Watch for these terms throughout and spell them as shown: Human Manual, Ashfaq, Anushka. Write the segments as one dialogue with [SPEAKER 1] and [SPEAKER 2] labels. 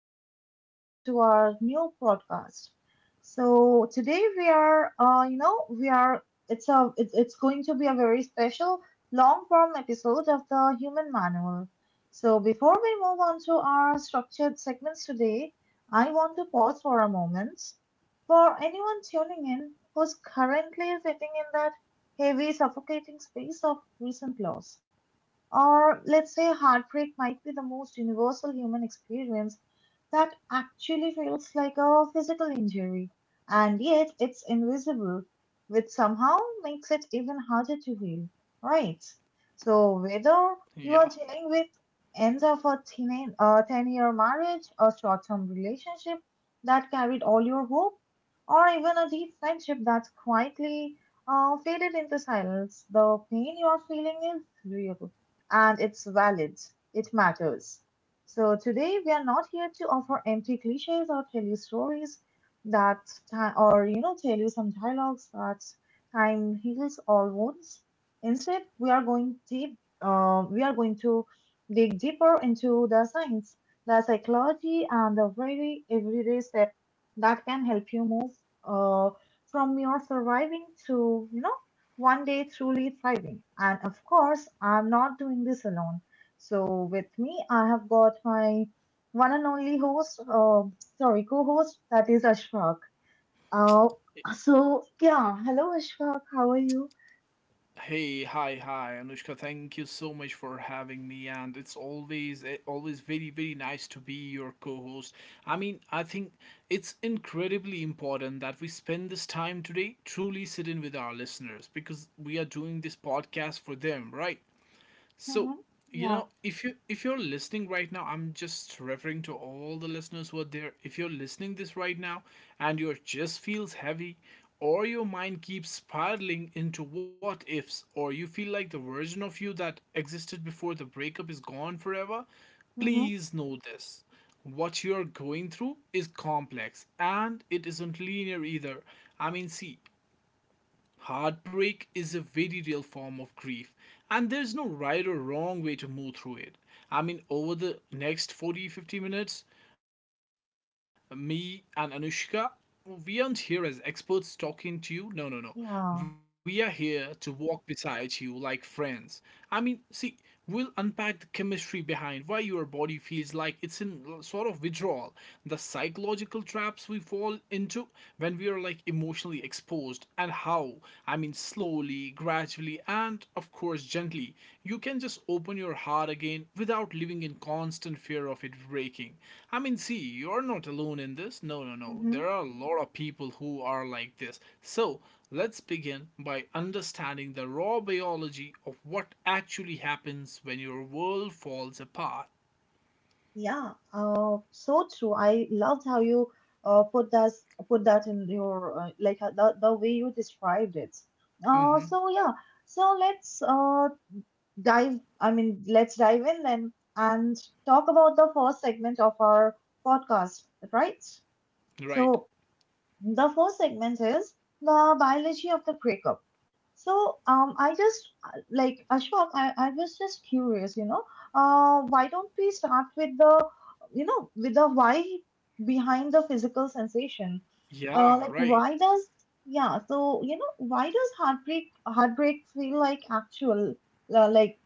[SPEAKER 1] welcome back to our new podcast. So today we are, you know, we are. It's a. It's going to be a very special long form episode of the Human Manual. So before we move on to our structured segments today, I want to pause for a moment. For anyone tuning in who's currently sitting in that heavy, suffocating space of recent loss, or let's say heartbreak might be the most universal human experience that actually feels like a physical injury, and yet it's invisible, which somehow makes it even harder to heal, right? So,
[SPEAKER 2] Yeah.
[SPEAKER 1] whether you are dealing with end of a 10-year marriage, a short term relationship that carried all your hope, or even a deep friendship that's quietly faded into silence, the pain you are feeling is real and it's valid. It matters. So today we are not here to offer empty cliches or tell you stories that ti- or you know tell you some dialogues that time heals all wounds. Instead, we are going deep. We are going to dig deeper into the science, the psychology, and the very everyday step that can help you move uh, from your surviving to one day truly thriving. And of course, I'm not doing this alone. So with me, I have got my one and only host, sorry, co-host, that is Ashfaq. Uh, so yeah, hello Ashfaq, how are you?
[SPEAKER 2] Hey, hi, hi, Anushka. Thank you so much for having me, and it's always very very nice to be your co-host. I mean, I think it's incredibly important that we spend this time today truly sitting with our listeners because we are doing this podcast for them, right? So,
[SPEAKER 1] Mm-hmm.
[SPEAKER 2] you
[SPEAKER 1] Yeah.
[SPEAKER 2] know, if you're listening right now, I'm just referring to all the listeners who are there. If you're listening this right now, and your chest feels heavy, or your mind keeps spiraling into what ifs, or you feel like the version of you that existed before the breakup is gone forever,
[SPEAKER 1] Mm-hmm.
[SPEAKER 2] please know this. What you're going through is complex, and it isn't linear either. I mean, see, heartbreak is a very real form of grief, and there's no right or wrong way to move through it. I mean, over the next 40 to 50 minutes, me and Anushka, we aren't here as experts talking to you. No, no, no. We are here
[SPEAKER 1] Yeah.
[SPEAKER 2] to walk beside you like friends. I mean, see, we'll unpack the chemistry behind why your body feels like it's in sort of withdrawal, the psychological traps we fall into when we are like emotionally exposed, and how, I mean, slowly, gradually, and of course, gently, you can just open your heart again without living in constant fear of it breaking. I mean, see, you're not alone in this. No, no, no.
[SPEAKER 1] Mm-hmm.
[SPEAKER 2] There are a lot of people who are like this. So, let's begin by understanding the raw biology of what actually happens when your world falls apart.
[SPEAKER 1] Yeah. So true. I loved how you uh, put that put that in your like the way you described it. Uh,
[SPEAKER 2] Hmm.
[SPEAKER 1] so yeah. So let's dive in and talk about the first segment of our podcast, right?
[SPEAKER 2] Right.
[SPEAKER 1] So, the first segment is the biology of the breakup. So, I just like Ashwak, I was just curious, you know, why don't we start with with the why behind the physical sensation?
[SPEAKER 2] Yeah,
[SPEAKER 1] Like
[SPEAKER 2] right.
[SPEAKER 1] why does yeah, so you know, why does heartbreak feel like actual, like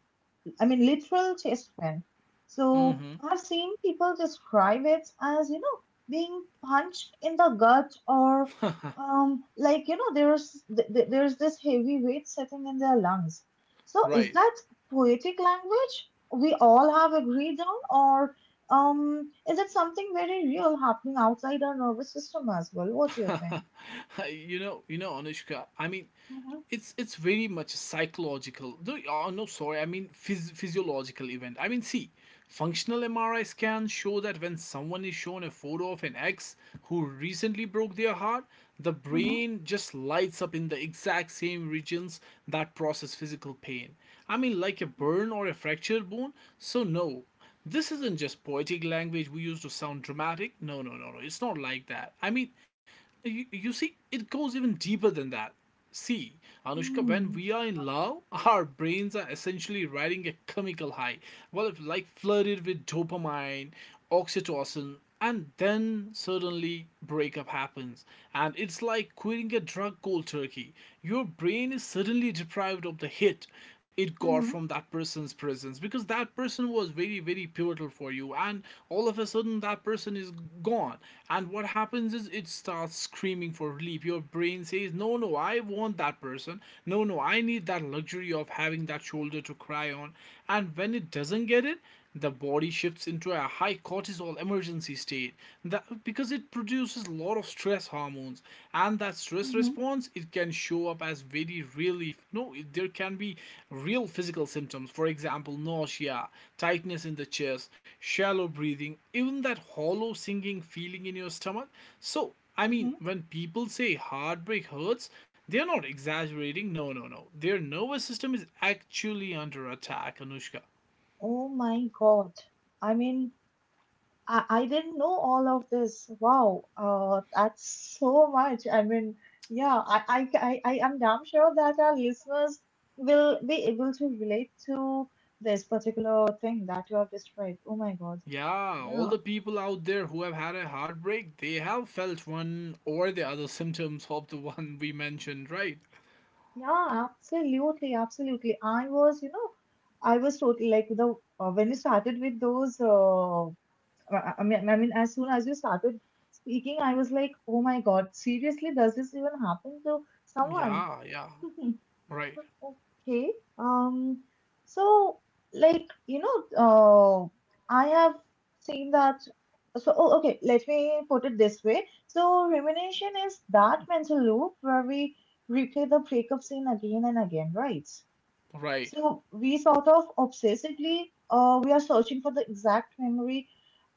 [SPEAKER 1] I mean, literal chest pain. So
[SPEAKER 2] Hmm.
[SPEAKER 1] I've seen people describe it as, you know, being punched in the gut or there's this heavy weight sitting in their lungs. So is
[SPEAKER 2] Right.
[SPEAKER 1] that poetic language we all have agreed on, or is it something very real happening outside our nervous system as well? What do you think?
[SPEAKER 2] Anushka, I mean,
[SPEAKER 1] Mm-hmm,
[SPEAKER 2] it's very much a psychological, no, oh, no, sorry, I mean, physiological event. I mean, see, functional MRI scans show that when someone is shown a photo of an ex who recently broke their heart, the
[SPEAKER 1] mm-hmm,
[SPEAKER 2] brain just lights up in the exact same regions that process physical pain. I mean, like a burn or a fractured bone. So no, this isn't just poetic language we use to sound dramatic. No, no, no, no, it's not like that. I mean, you see it goes even deeper than that. See, Anushka, when
[SPEAKER 1] mm-hmm,
[SPEAKER 2] we are in love, our brains are essentially riding a chemical high. Well, if like flooded with dopamine, oxytocin, and then suddenly breakup happens. And it's like quitting a drug cold turkey. Your brain is suddenly deprived of the hit it got
[SPEAKER 1] mm-hmm,
[SPEAKER 2] from that person's presence, because that person was very very pivotal for you, and all of a sudden that person is gone. And what happens is it starts screaming for relief. Your brain says, no, no, I want that person, no, no, I need that luxury of having that shoulder to cry on. And when it doesn't get it, the body shifts into a high cortisol emergency state, that, because it produces a lot of stress hormones, and that stress
[SPEAKER 1] mm-hmm,
[SPEAKER 2] response, it can show up as very relief. No, there can be real physical symptoms. For example, nausea, tightness in the chest, shallow breathing, even that hollow sinking feeling in your stomach. So I
[SPEAKER 1] mm-hmm.
[SPEAKER 2] mean, when people say heartbreak hurts, they're not exaggerating. No, no, no. Their nervous system is actually under attack, Anushka.
[SPEAKER 1] Oh my God. I mean, I didn't know all of this. Wow, that's so much. I mean, yeah, I am damn sure that our listeners will be able to relate to this particular thing that you have described. Oh my God.
[SPEAKER 2] Yeah, all
[SPEAKER 1] Yeah,
[SPEAKER 2] the people out there who have had a heartbreak, they have felt one or the other symptoms of the one we mentioned, right?
[SPEAKER 1] yeah, absolutely. I was, you know, I was totally like the when you started with those. As soon as you started speaking, I was like, oh my God, seriously, does this even happen to someone?
[SPEAKER 2] Yeah, yeah, right,
[SPEAKER 1] Okay. Um, so like, you know, I have seen that. So, oh, okay, let me put it this way. So, rumination is that mental loop where we replay the breakup scene again and again, right?
[SPEAKER 2] right,
[SPEAKER 1] So we sort of obsessively we are searching for the exact memory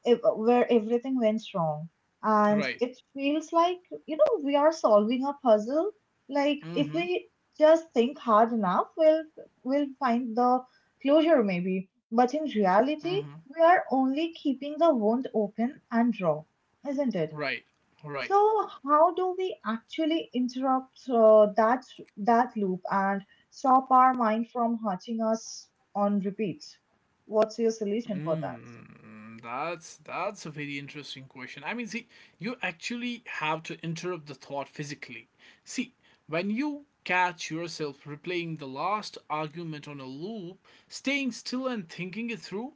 [SPEAKER 1] ev- where everything went wrong, and
[SPEAKER 2] right.
[SPEAKER 1] it feels like you know we are solving a puzzle. Like
[SPEAKER 2] Mm
[SPEAKER 1] if
[SPEAKER 2] hmm,
[SPEAKER 1] we just think hard enough, we'll find the closure maybe. But in
[SPEAKER 2] mm hmm,
[SPEAKER 1] reality, we are only keeping the wound open and raw, isn't it?
[SPEAKER 2] right, right.
[SPEAKER 1] So, how do we actually interrupt that loop and stop our mind from hurting us on repeat? What's your solution for that?
[SPEAKER 2] Mm, that's a very interesting question. I mean, see, you actually have to interrupt the thought physically. See, when you catch yourself replaying the last argument on a loop, staying still and thinking it through,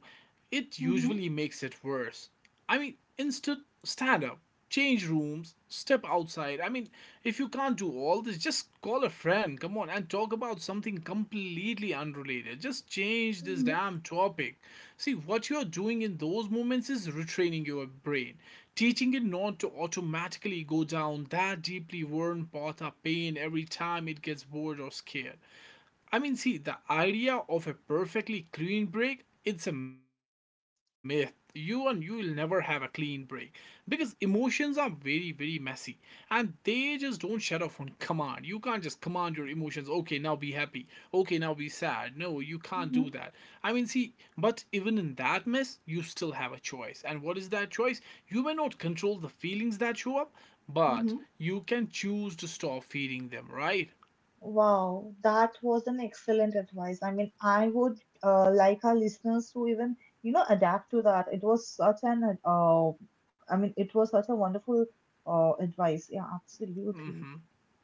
[SPEAKER 2] it
[SPEAKER 1] Mm-hmm.
[SPEAKER 2] usually makes it worse. I mean, instead, stand up, change rooms, step outside. I mean, if you can't do all this, just call a friend, come on, and talk about something completely unrelated. Just change this
[SPEAKER 1] Hmm.
[SPEAKER 2] damn topic. See, what you're doing in those moments is retraining your brain, teaching it not to automatically go down that deeply worn path of pain every time it gets bored or scared. I mean, see, the idea of a perfectly clean break, it's a myth. You and you will never have a clean break, because emotions are very, very messy, and they just don't shut off on command. You can't just command your emotions, okay, now be happy, okay, now be sad. No, you can't do that.
[SPEAKER 1] Hmm.
[SPEAKER 2] I mean, see, but even in that mess, you still have a choice. And what is that choice? You may not control the feelings that show up, but
[SPEAKER 1] Mm-hmm.
[SPEAKER 2] you can choose to stop feeding them, right?
[SPEAKER 1] Wow, that was an excellent advice. I would like our listeners to even, you know, adapt to that. It was such an, I mean, it was such a wonderful advice. Yeah, absolutely.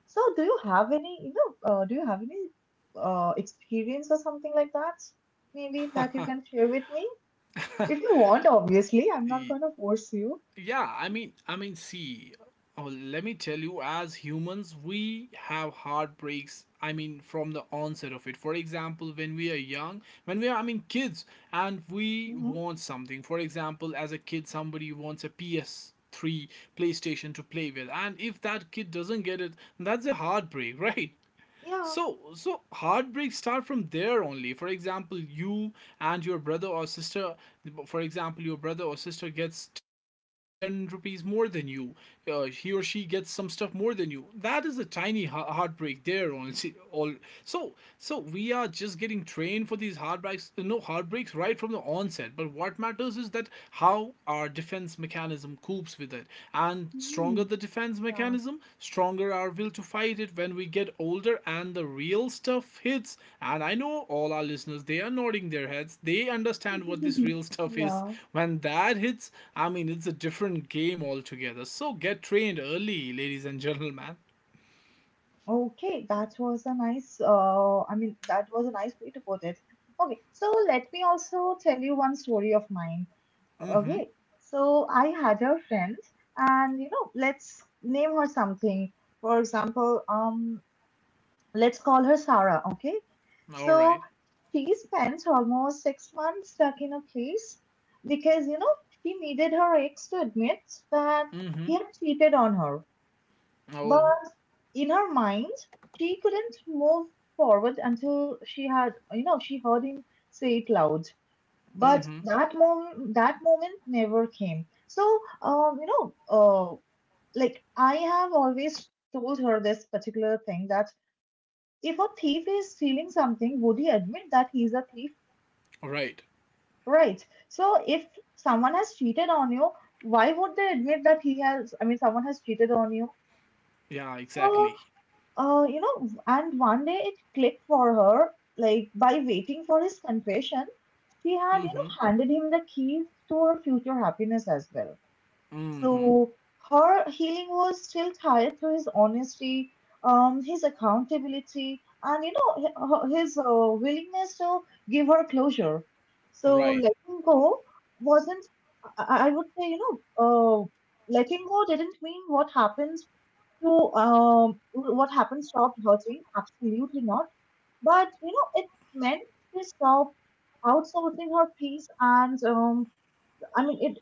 [SPEAKER 1] So, do you have any, you know, do you have any experience or something like that? Maybe that you
[SPEAKER 2] Hmm.
[SPEAKER 1] can share with me? If you want, obviously, I'm not
[SPEAKER 2] Y-
[SPEAKER 1] going to force you.
[SPEAKER 2] Yeah, I mean, see, oh, let me tell you, as humans, we have heartbreaks. I mean, from the onset of it. For example, when we are young, when we are, I mean, kids, and we
[SPEAKER 1] Hmm.
[SPEAKER 2] want something. For example, as a kid, somebody wants a PS3 PlayStation to play with, and if that kid doesn't get it, that's a heartbreak, right?
[SPEAKER 1] Yeah.
[SPEAKER 2] So, heartbreaks start from there only. For example, you and your brother or sister, for example, your brother or sister gets 10 rupees more than you. He or she gets some stuff more than you. That is a tiny heartbreak there only. All so, so, we are just getting trained for these heartbreaks. No heartbreaks right from the onset. But what matters is that how our defense mechanism copes with it. And stronger
[SPEAKER 1] Hmm.
[SPEAKER 2] the defense
[SPEAKER 1] Yeah.
[SPEAKER 2] mechanism, stronger our will to fight it when we get older and the real stuff hits. And I know all our listeners, they are nodding their heads. They understand what this real stuff is.
[SPEAKER 1] Yeah.
[SPEAKER 2] When that hits, I mean, it's a different game altogether. So get trained early, ladies and gentlemen.
[SPEAKER 1] Okay, that was a nice way to put it. Okay, so let me also tell you one story of mine.
[SPEAKER 2] Mm-hmm.
[SPEAKER 1] Okay, so I had a friend, and you know, let's name her something. For example, let's call her Sarah, okay?
[SPEAKER 2] All
[SPEAKER 1] So
[SPEAKER 2] right.
[SPEAKER 1] she spent almost 6 months stuck in a place because, you know, she needed her ex to admit that
[SPEAKER 2] Mm-hmm.
[SPEAKER 1] he had cheated on her
[SPEAKER 2] Oh.
[SPEAKER 1] in her mind, she couldn't move forward until she had, you know, she heard him say it loud. But
[SPEAKER 2] Mm-hmm.
[SPEAKER 1] that moment never came. I have always told her this particular thing that if a thief is stealing something, would he admit that he's a thief?
[SPEAKER 2] Right.
[SPEAKER 1] Right. So if someone has cheated on you, why would they admit that he has, I mean, someone has cheated on you?
[SPEAKER 2] Yeah,
[SPEAKER 1] So
[SPEAKER 2] exactly.
[SPEAKER 1] uh, you know, and one day it clicked for her, like by waiting for his confession, she had, you know,
[SPEAKER 2] Mm-hmm.
[SPEAKER 1] handed him the keys to her future happiness as well.
[SPEAKER 2] Mm-hmm.
[SPEAKER 1] So her healing was still tied to his honesty, his accountability, and you know, his willingness to give her closure. So
[SPEAKER 2] Right.
[SPEAKER 1] letting go wasn't, I would say, you know, letting go didn't mean what happened stopped hurting? Absolutely not. But, you know, it meant she stopped outsourcing her peace and, I mean, it,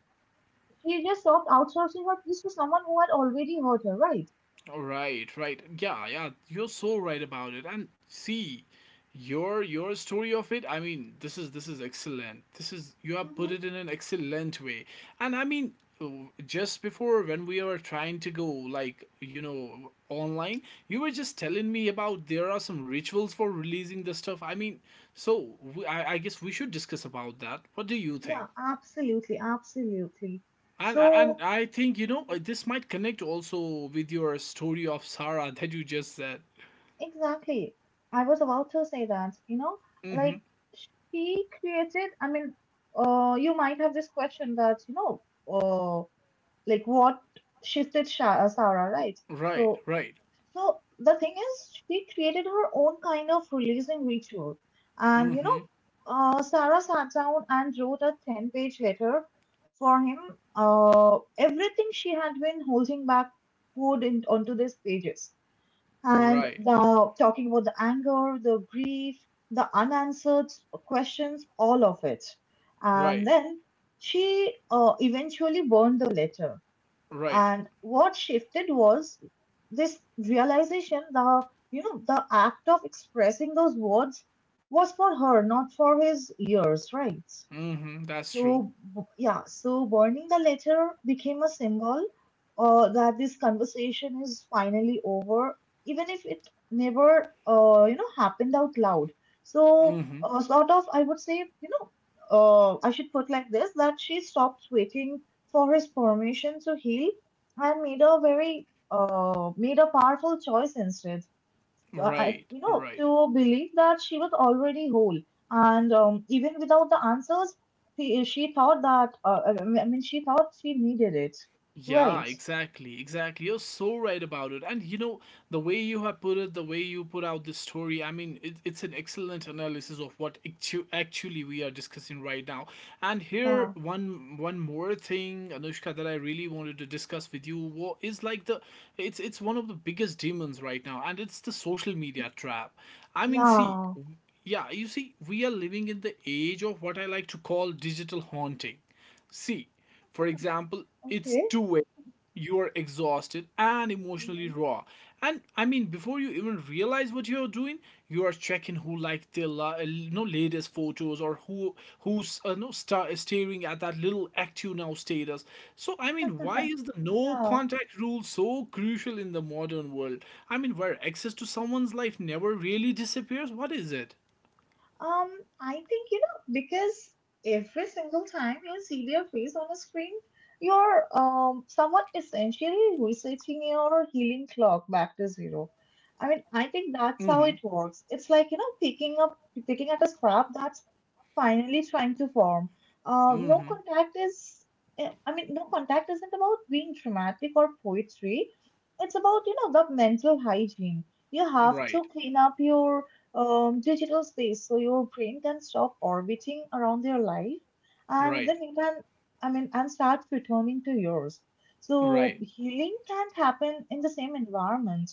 [SPEAKER 1] she just stopped outsourcing her peace to someone who had already hurt her, right?
[SPEAKER 2] All right, right. Yeah, yeah, you're so right about it. And see, your story of it, I mean, this is excellent. This is You have put
[SPEAKER 1] Mm-hmm.
[SPEAKER 2] it in an excellent way. And I mean, oh, just before when we were trying to go like, you know, online, you were just telling me about there are some rituals for releasing the stuff. I mean, so we, I guess we should discuss about that. What do you think?
[SPEAKER 1] Yeah, absolutely, absolutely.
[SPEAKER 2] And
[SPEAKER 1] So,
[SPEAKER 2] and I think, you know,
[SPEAKER 1] mhm,
[SPEAKER 2] this might connect also with your story of Sarah that you just said.
[SPEAKER 1] exactly. I was about to say that, you know,
[SPEAKER 2] Mm-hmm.
[SPEAKER 1] like she created, you might have this question that, you know, like what shifted Sarah, right?
[SPEAKER 2] Right,
[SPEAKER 1] So,
[SPEAKER 2] right.
[SPEAKER 1] so the thing is, she created her own kind of releasing ritual, and you know,
[SPEAKER 2] Mm-hmm.
[SPEAKER 1] Sarah sat down and wrote a ten-page letter for him. Everything she had been holding back poured in, onto these pages, and
[SPEAKER 2] Right,
[SPEAKER 1] the talking about the anger, the grief, the unanswered questions, all of it, and
[SPEAKER 2] right,
[SPEAKER 1] then she eventually burned the letter
[SPEAKER 2] right.
[SPEAKER 1] and what shifted was this realization, the you know the act of expressing those words was for her, not for his ears, right?
[SPEAKER 2] Mm-hmm. That's true.
[SPEAKER 1] So, so burning the letter became a symbol that this conversation is finally over, even if it never, happened out loud. So,
[SPEAKER 2] Mm-hmm.
[SPEAKER 1] sort of, I would say, you know, I should put like this that she stopped waiting for his permission to heal and made a made a powerful choice instead
[SPEAKER 2] Right,
[SPEAKER 1] you know,
[SPEAKER 2] right.
[SPEAKER 1] to believe that she was already whole. And even without the answers, she thought that, she thought she needed it.
[SPEAKER 2] Yeah,
[SPEAKER 1] Right.
[SPEAKER 2] exactly, exactly. You're so right about it. And you know, the way you have put it, the way you put out this story, I mean, it's an excellent analysis of what actually we are discussing right now. And here,
[SPEAKER 1] Yeah.
[SPEAKER 2] one more thing, Anushka, that I really wanted to discuss with you is like the, it's one of the biggest demons right now, and it's the social media trap. I mean, see,
[SPEAKER 1] Yeah.
[SPEAKER 2] yeah, you see, we are living in the age of what I like to call digital haunting. See, for example, it's
[SPEAKER 1] Okay.
[SPEAKER 2] 2 a.m. You are exhausted and emotionally
[SPEAKER 1] Mhm.
[SPEAKER 2] raw. And I mean, before you even realize what you're doing, you are checking who liked their latest photos, or who's no, staring at that little active now status. So I mean, why is the no
[SPEAKER 1] Yeah.
[SPEAKER 2] contact rule so crucial in the modern world? I mean, where access to someone's life never really disappears. What is it?
[SPEAKER 1] Um, I think you know because every single time you see their face on a screen, you're somewhat essentially resetting your healing clock back to zero. I mean, I think that's how it works. It's like you know picking at a scrap that's finally trying to form. No
[SPEAKER 2] Mm-hmm.
[SPEAKER 1] contact is. Eh, I mean, No contact isn't about being dramatic or poetry. It's about you know the mental hygiene. You have
[SPEAKER 2] Right,
[SPEAKER 1] to clean up your digital space so your brain can stop orbiting around their life and
[SPEAKER 2] right,
[SPEAKER 1] then you can, and start returning to yours. So
[SPEAKER 2] right,
[SPEAKER 1] healing can't happen in the same environment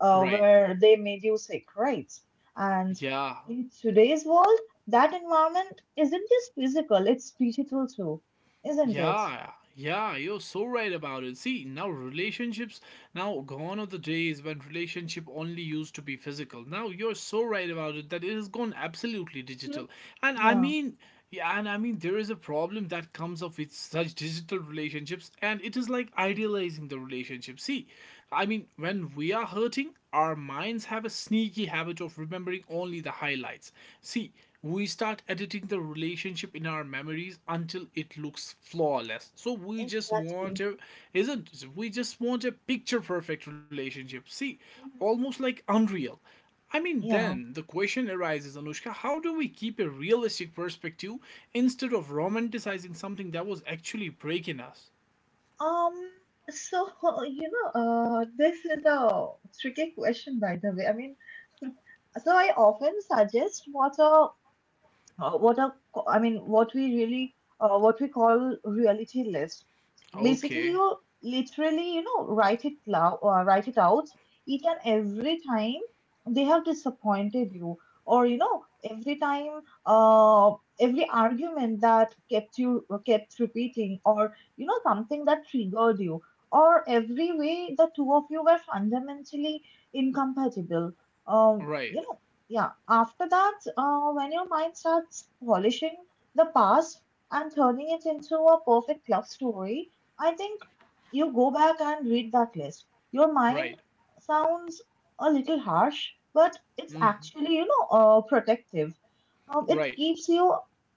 [SPEAKER 2] right.
[SPEAKER 1] where they made you sick, right? And
[SPEAKER 2] Yeah,
[SPEAKER 1] in today's world that environment isn't just physical, it's digital too, isn't it?
[SPEAKER 2] yeah, yeah, you're so right about it. See, now relationships, now gone are the days when relationship only used to be physical. Now you're so right about it that it has gone absolutely
[SPEAKER 1] Mhm.
[SPEAKER 2] digital. And I
[SPEAKER 1] Yeah.
[SPEAKER 2] mean, yeah, and I mean, there is a problem that comes up with such digital relationships, and it is like idealizing the relationship. See, I mean, when we are hurting, our minds have a sneaky habit of remembering only the highlights. See, we start editing the relationship in our memories until it looks flawless, so we just want
[SPEAKER 1] Exactly.
[SPEAKER 2] a, isn't, we just want a picture perfect relationship. See,
[SPEAKER 1] Mhm.
[SPEAKER 2] almost like unreal. I mean,
[SPEAKER 1] Yeah.
[SPEAKER 2] then the question arises, Anushka, how do we keep a realistic perspective instead of romanticizing something that was actually breaking us?
[SPEAKER 1] Um, so you know, this is a tricky question, by the way. I mean, so I often suggest what a what are co- I mean, what we really what we call reality list. Basically,
[SPEAKER 2] Okay.
[SPEAKER 1] you literally you know write it out each and every time they have disappointed you, or you know every time uh, every argument that kept repeating, or you know something that triggered you. Or every way the two of you were fundamentally incompatible. Um,
[SPEAKER 2] Right.
[SPEAKER 1] you know yeah After that, when your mind starts polishing the past and turning it into a perfect love story, I think you go back and read that list. Your mind
[SPEAKER 2] Right.
[SPEAKER 1] sounds a little harsh, but it's
[SPEAKER 2] mhm,
[SPEAKER 1] actually you know protective. It
[SPEAKER 2] Right.
[SPEAKER 1] keeps you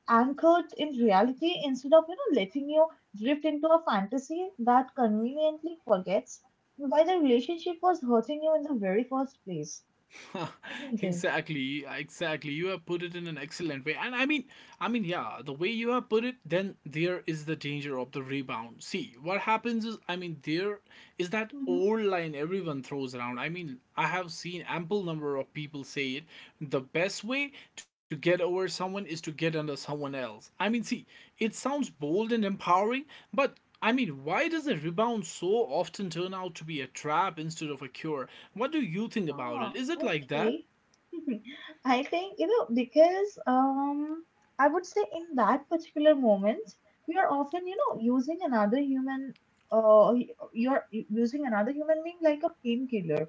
[SPEAKER 1] anchored in reality instead of you know letting you drift into a fantasy that conveniently forgets why the relationship was hurting you in the very first place, isn't it?
[SPEAKER 2] Exactly, exactly. You have put it in an excellent way. And I mean, yeah, the way you have put it, then there is the danger of the rebound. See what happens is, I mean, there is that
[SPEAKER 1] Mm-hmm.
[SPEAKER 2] old line everyone throws around. I mean, I have seen ample number of people say it: the best way to get over someone is to get under someone else. I mean, see, it sounds bold and empowering, but I mean, why does a rebound so often turn out to be a trap instead of a cure? What do you think about
[SPEAKER 1] Oh,
[SPEAKER 2] it? Is it like that?
[SPEAKER 1] okay. I think, because I would say in that particular moment, you're often, using another human, uh, y- you're using another human being like a painkiller.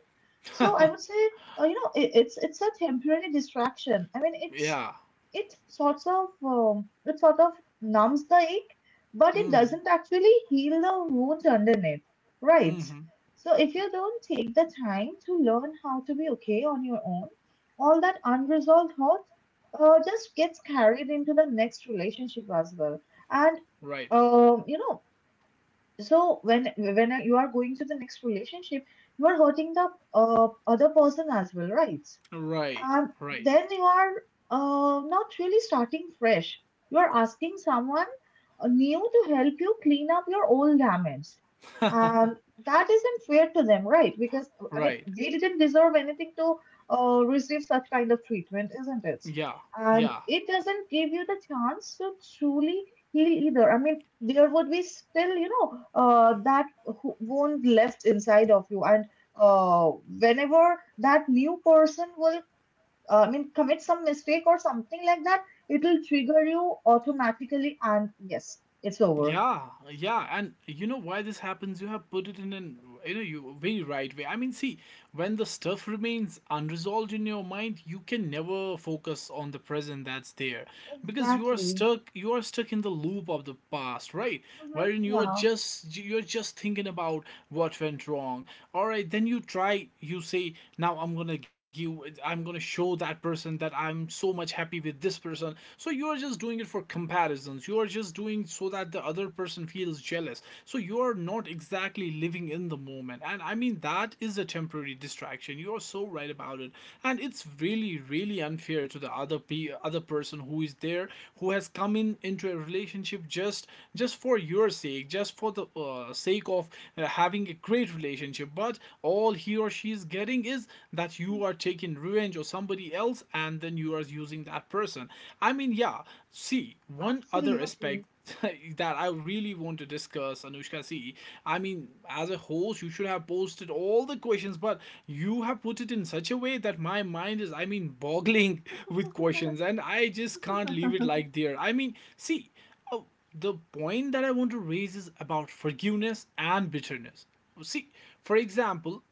[SPEAKER 1] So I would say, it's a temporary distraction. I mean, it's
[SPEAKER 2] Yeah.
[SPEAKER 1] it sorts of um, it sort of numbs the ache, but it
[SPEAKER 2] Mm.
[SPEAKER 1] doesn't actually heal the wound underneath, right?
[SPEAKER 2] Mm-hmm.
[SPEAKER 1] So if you don't take the time to learn how to be okay on your own, all that unresolved hurt just gets carried into the next relationship as well. And
[SPEAKER 2] Right.
[SPEAKER 1] um, you know, so when you are going to the next relationship, you are hurting the other person as well, right?
[SPEAKER 2] Right.
[SPEAKER 1] And
[SPEAKER 2] Right.
[SPEAKER 1] then you are not really starting fresh. You are asking someone new to help you clean up your old damage. And that isn't fair to them, right? Because, I mean,
[SPEAKER 2] Right.
[SPEAKER 1] they didn't deserve anything to receive such kind of treatment, isn't it?
[SPEAKER 2] Yeah.
[SPEAKER 1] And
[SPEAKER 2] Yeah.
[SPEAKER 1] it doesn't give you the chance to truly heal either. I mean, there would be still, wound left inside of you. And uh, whenever that new person will I mean, commit some mistake or something like that, it'll trigger you automatically, and yes, it's over.
[SPEAKER 2] Yeah. Yeah. And you know why this happens? You have put it in an you very right way. I mean, see, when the stuff remains unresolved in your mind, you can never focus on the present that's there, because you are
[SPEAKER 1] Exactly.
[SPEAKER 2] stuck in the loop of the past. Right,
[SPEAKER 1] Hmm.
[SPEAKER 2] wherein you're
[SPEAKER 1] Yeah,
[SPEAKER 2] just you're just thinking about what went wrong. All right, then you try, you say, now I'm gonna show that person that I'm so much happy with this person. So you're just doing it for comparisons, you're just doing so that the other person feels jealous. So you're not exactly living in the moment, and I mean, that is a temporary distraction. You are so right about it, and it's really, really unfair to the other other person who is there, who has come in into a relationship just for your sake, just for the sake of having a great relationship. But all he or she is getting is that you are taking revenge or somebody else, and then you are using that person. I mean, yeah. See, one other aspect
[SPEAKER 1] absolutely.
[SPEAKER 2] that I really want to discuss, Anushka. See, I mean, as a host, you should have posted all the questions, but you have put it in such a way that my mind is, I mean, boggling with questions, and I just can't leave it like there. I mean, see, uh, the point that I want to raise is about forgiveness and bitterness. See, for example,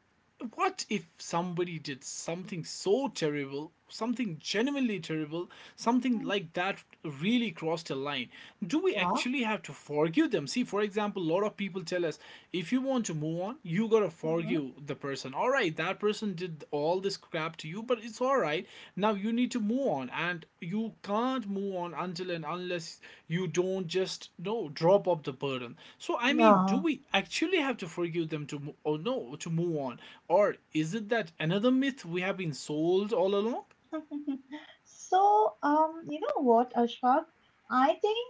[SPEAKER 2] what if somebody did something so terrible, something genuinely terrible, something
[SPEAKER 1] Mhm.
[SPEAKER 2] like that really crossed a line? Do we
[SPEAKER 1] Yeah.
[SPEAKER 2] actually have to forgive them? See, for example, a lot of people tell us, if you want to move on, you gotta
[SPEAKER 1] Hmm.
[SPEAKER 2] forgive the person. All right, that person did all this crap to you, but it's all right. Now you need to move on, and you can't move on until and unless you don't just no drop off the burden. So I mean, do
[SPEAKER 1] Yeah.
[SPEAKER 2] we actually have to forgive them to mo- or no to move on, or is it that another myth we have been sold all along?
[SPEAKER 1] So, you know what, Ashfaq? I think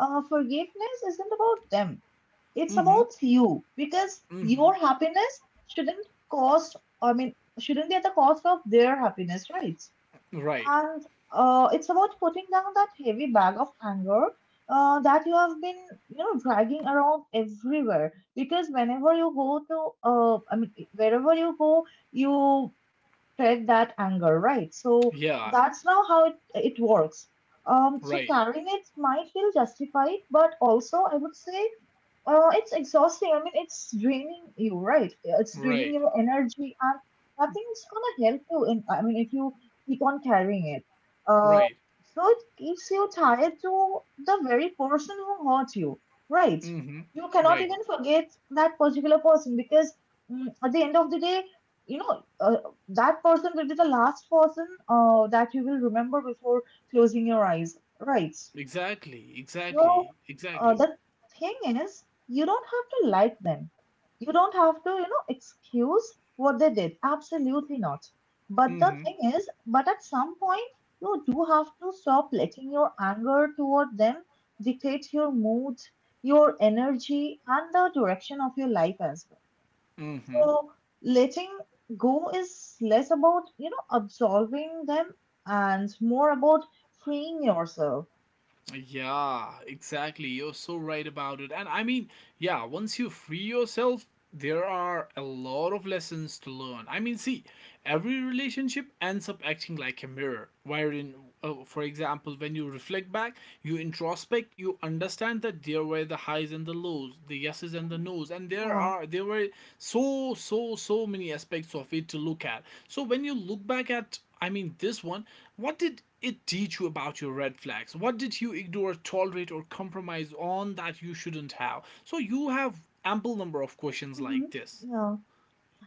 [SPEAKER 1] forgiveness isn't about them. It's
[SPEAKER 2] Mm-hmm.
[SPEAKER 1] about you because
[SPEAKER 2] Mm-hmm.
[SPEAKER 1] your happiness shouldn't cost, I mean, shouldn't be at the cost of their happiness, right?
[SPEAKER 2] Right.
[SPEAKER 1] And it's about putting down that heavy bag of anger that you have been, you know, dragging around everywhere. Because whenever you go to, I mean, wherever you go, you tread that anger, right? So
[SPEAKER 2] Yeah.
[SPEAKER 1] that's now how it works. So
[SPEAKER 2] Right.
[SPEAKER 1] carrying it might feel justified, but also I would say it's exhausting. I mean, it's draining you, right? It's draining
[SPEAKER 2] Right.
[SPEAKER 1] your energy, and nothing's gonna help you. In, I mean, if you keep on carrying it, uh,
[SPEAKER 2] Right.
[SPEAKER 1] so it keeps you tied to the very person who hurt you, right?
[SPEAKER 2] Mm-hmm.
[SPEAKER 1] You cannot
[SPEAKER 2] Right.
[SPEAKER 1] even forget that particular person because, at the end of the day, you know, uh, that person will be the last person that you will remember before closing your eyes, right?
[SPEAKER 2] Exactly.
[SPEAKER 1] So
[SPEAKER 2] Exactly. Exactly.
[SPEAKER 1] the thing is, you don't have to like them. You don't have to, you know, excuse what they did. Absolutely not. But the
[SPEAKER 2] Mm-hmm.
[SPEAKER 1] thing is, but at some point, you do have to stop letting your anger toward them dictate your mood, your energy, and the direction of your life as well.
[SPEAKER 2] Mm-hmm.
[SPEAKER 1] So letting go is less about, you know, absolving them and more about freeing yourself.
[SPEAKER 2] Yeah, exactly. You're so right about it. And I mean, yeah, once you free yourself, there are a lot of lessons to learn. I mean, see, every relationship ends up acting like a mirror, wherein, for example, when you reflect back, you introspect, you understand that there were the highs and the lows, the yeses and the
[SPEAKER 1] Mhm.
[SPEAKER 2] nos, and there
[SPEAKER 1] Yeah.
[SPEAKER 2] are there were so so so many aspects of it to look at. So when you look back at, I mean, this one, what did it teach you about your red flags? What did you ignore, tolerate, or compromise on that you shouldn't have? So you have ample number of questions
[SPEAKER 1] Mm-hmm.
[SPEAKER 2] like this.
[SPEAKER 1] Yeah.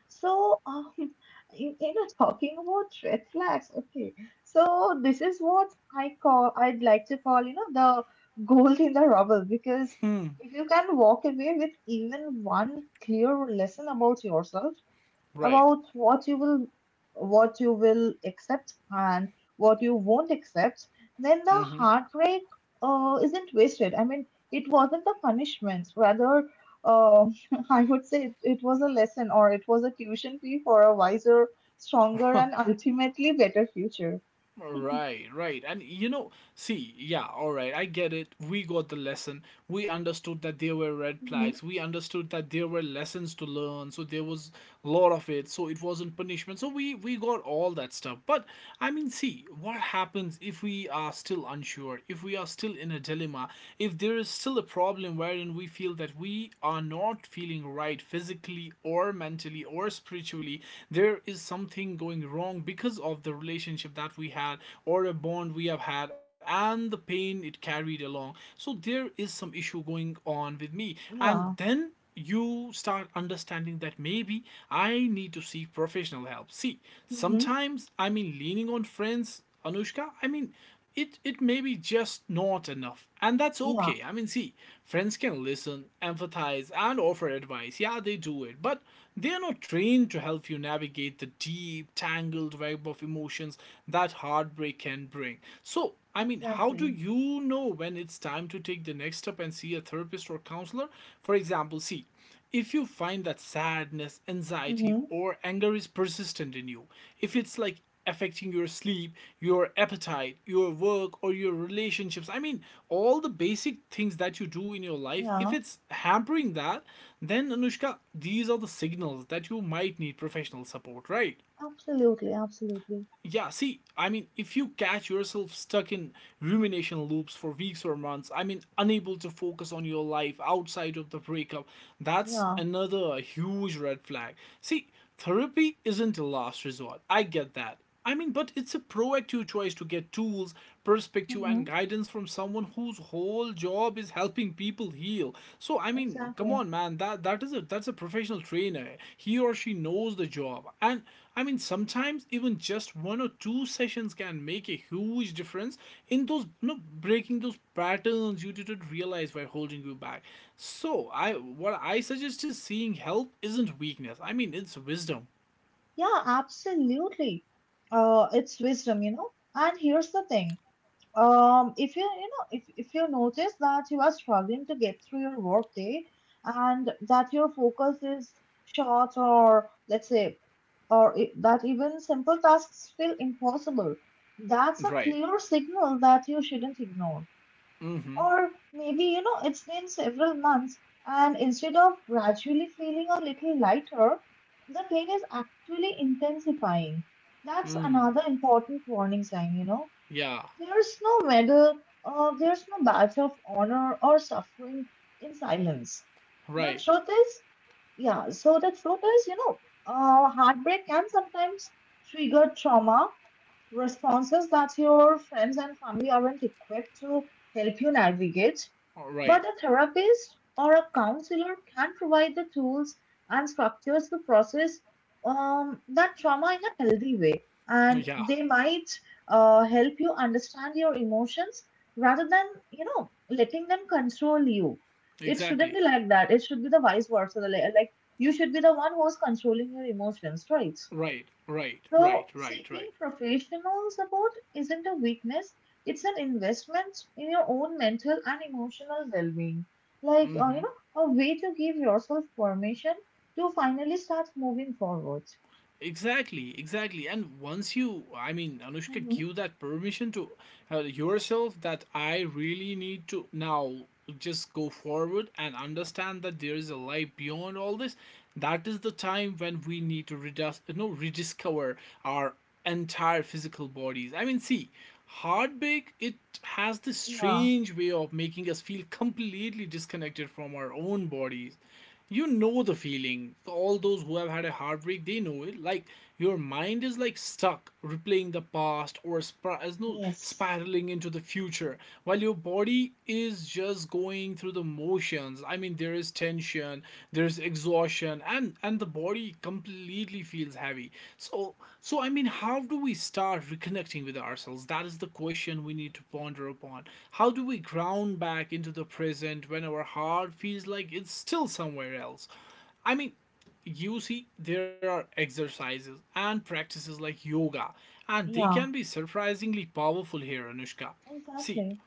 [SPEAKER 1] So, you know, talking about red flags. Okay. So this is what I call. I'd like to call. You know, the gold in the rubble. Because
[SPEAKER 2] Hmm.
[SPEAKER 1] if you can walk away with even one clear lesson about yourself,
[SPEAKER 2] Right.
[SPEAKER 1] about what you will, what you will accept and what you won't accept, then the
[SPEAKER 2] Mm-hmm.
[SPEAKER 1] heartbreak isn't wasted. I mean, it wasn't a punishment. Rather, uh, I would say it was a lesson, or it was a tuition fee for a wiser, stronger, and ultimately better future.
[SPEAKER 2] Right, right. And you know, see, yeah, all right, I get it. We got the lesson. We understood that there were red
[SPEAKER 1] Hmm.
[SPEAKER 2] flags. We understood that there were lessons to learn. So there was a lot of it. So it wasn't punishment. So we got all that stuff. But I mean, see, what happens if we are still unsure? If we are still in a dilemma, if there is still a problem wherein we feel that we are not feeling right physically or mentally or spiritually, there is something going wrong because of the relationship that we had, or a bond we have had, and the pain it carried along. So there is some issue going on with me, and
[SPEAKER 1] Yeah.
[SPEAKER 2] then you start understanding that maybe I need to seek professional help. See,
[SPEAKER 1] Hmm.
[SPEAKER 2] sometimes I mean leaning on friends, Anushka, I mean it may be just not enough, and that's
[SPEAKER 1] Yeah.
[SPEAKER 2] okay. I mean, see, friends can listen, empathize, and offer advice, yeah, they do it, but they're not trained to help you navigate the deep tangled web of emotions that heartbreak can bring. So I mean, how do
[SPEAKER 1] Exactly.
[SPEAKER 2] you know when it's time to take the next step and see a therapist or counselor? For example, see, if you find that sadness, anxiety,
[SPEAKER 1] Hmm.
[SPEAKER 2] or anger is persistent in you, if it's like affecting your sleep, your appetite, your work, or your relationships, I mean, all the basic things that you do in your life, if
[SPEAKER 1] Yeah.
[SPEAKER 2] it's hampering that, then Anushka, these are the signals that you might need professional support, right?
[SPEAKER 1] Absolutely. Absolutely.
[SPEAKER 2] Yeah, see, I mean, if you catch yourself stuck in rumination loops for weeks or months, I mean, unable to focus on your life outside of the breakup, that's
[SPEAKER 1] Yeah.
[SPEAKER 2] another huge red flag. See, therapy isn't a last resort. I get that. I mean, but it's a proactive choice to get tools, perspective,
[SPEAKER 1] Hmm.
[SPEAKER 2] and guidance from someone whose whole job is helping people heal. So, I mean, come
[SPEAKER 1] Exactly.
[SPEAKER 2] on, man, that's a professional trainer. He or she knows the job, and I mean, sometimes even just one or two sessions can make a huge difference in those, breaking those patterns you didn't realize were holding you back. So, I what I suggest is seeing help isn't weakness. I mean, it's wisdom.
[SPEAKER 1] Yeah, absolutely. It's wisdom, you know. And here's the thing. If you, you know, if you notice that you are struggling to get through your work day and that your focus is short or, let's say, or that even simple tasks feel impossible, that's a
[SPEAKER 2] Right.
[SPEAKER 1] clear signal that you shouldn't ignore.
[SPEAKER 2] Mm-hmm.
[SPEAKER 1] Or maybe, you know, it's been several months, and instead of gradually feeling a little lighter, the pain is actually intensifying. That's
[SPEAKER 2] Mm.
[SPEAKER 1] another important warning sign, you know.
[SPEAKER 2] Yeah.
[SPEAKER 1] There's no medal, there's no badge of honor or suffering in silence. The
[SPEAKER 2] Right.
[SPEAKER 1] truth is, yeah, so the truth is, heartbreak can sometimes trigger trauma responses that your friends and family aren't equipped to help you navigate,
[SPEAKER 2] Right.
[SPEAKER 1] but a therapist or a counselor can provide the tools and structures to process that trauma in a healthy way. And
[SPEAKER 2] Yeah.
[SPEAKER 1] they might help you understand your emotions rather than, you know, letting them control you. It shouldn't
[SPEAKER 2] Exactly.
[SPEAKER 1] be like that. It should be the vice versa. Like, you should be the one who's controlling your emotions, right?
[SPEAKER 2] Right. Right.
[SPEAKER 1] So,
[SPEAKER 2] Right. Right.
[SPEAKER 1] seeking
[SPEAKER 2] Right.
[SPEAKER 1] professional support isn't a weakness, it's an investment in your own mental and emotional well being. Like, you
[SPEAKER 2] Mm-hmm.
[SPEAKER 1] know, a way to give yourself permission to finally start moving forward.
[SPEAKER 2] Exactly, exactly. And once you, I mean, Anushka,
[SPEAKER 1] Hmm.
[SPEAKER 2] give that permission to yourself that I really need to now just go forward and understand that there is a life beyond all this, that is the time when we need to redis- no, rediscover our entire physical bodies. I mean, see, heartbreak, it has this
[SPEAKER 1] Yeah,
[SPEAKER 2] strange way of making us feel completely disconnected from our own bodies. You know the feeling, all those who have had a heartbreak, they know it. Like, your mind is like stuck replaying the past or spir- as no
[SPEAKER 1] yes,
[SPEAKER 2] spiraling into the future, while your body is just going through the motions. I mean, there is tension, there's exhaustion, and the body completely feels heavy. So, so I mean, how do we start reconnecting with ourselves? That is the question we need to ponder upon. How do we ground back into the present when our heart feels like it's still somewhere else? I mean, you see, there are exercises and practices like yoga, and they can
[SPEAKER 1] yeah.
[SPEAKER 2] be surprisingly powerful here, Anushka. See,
[SPEAKER 1] Exactly.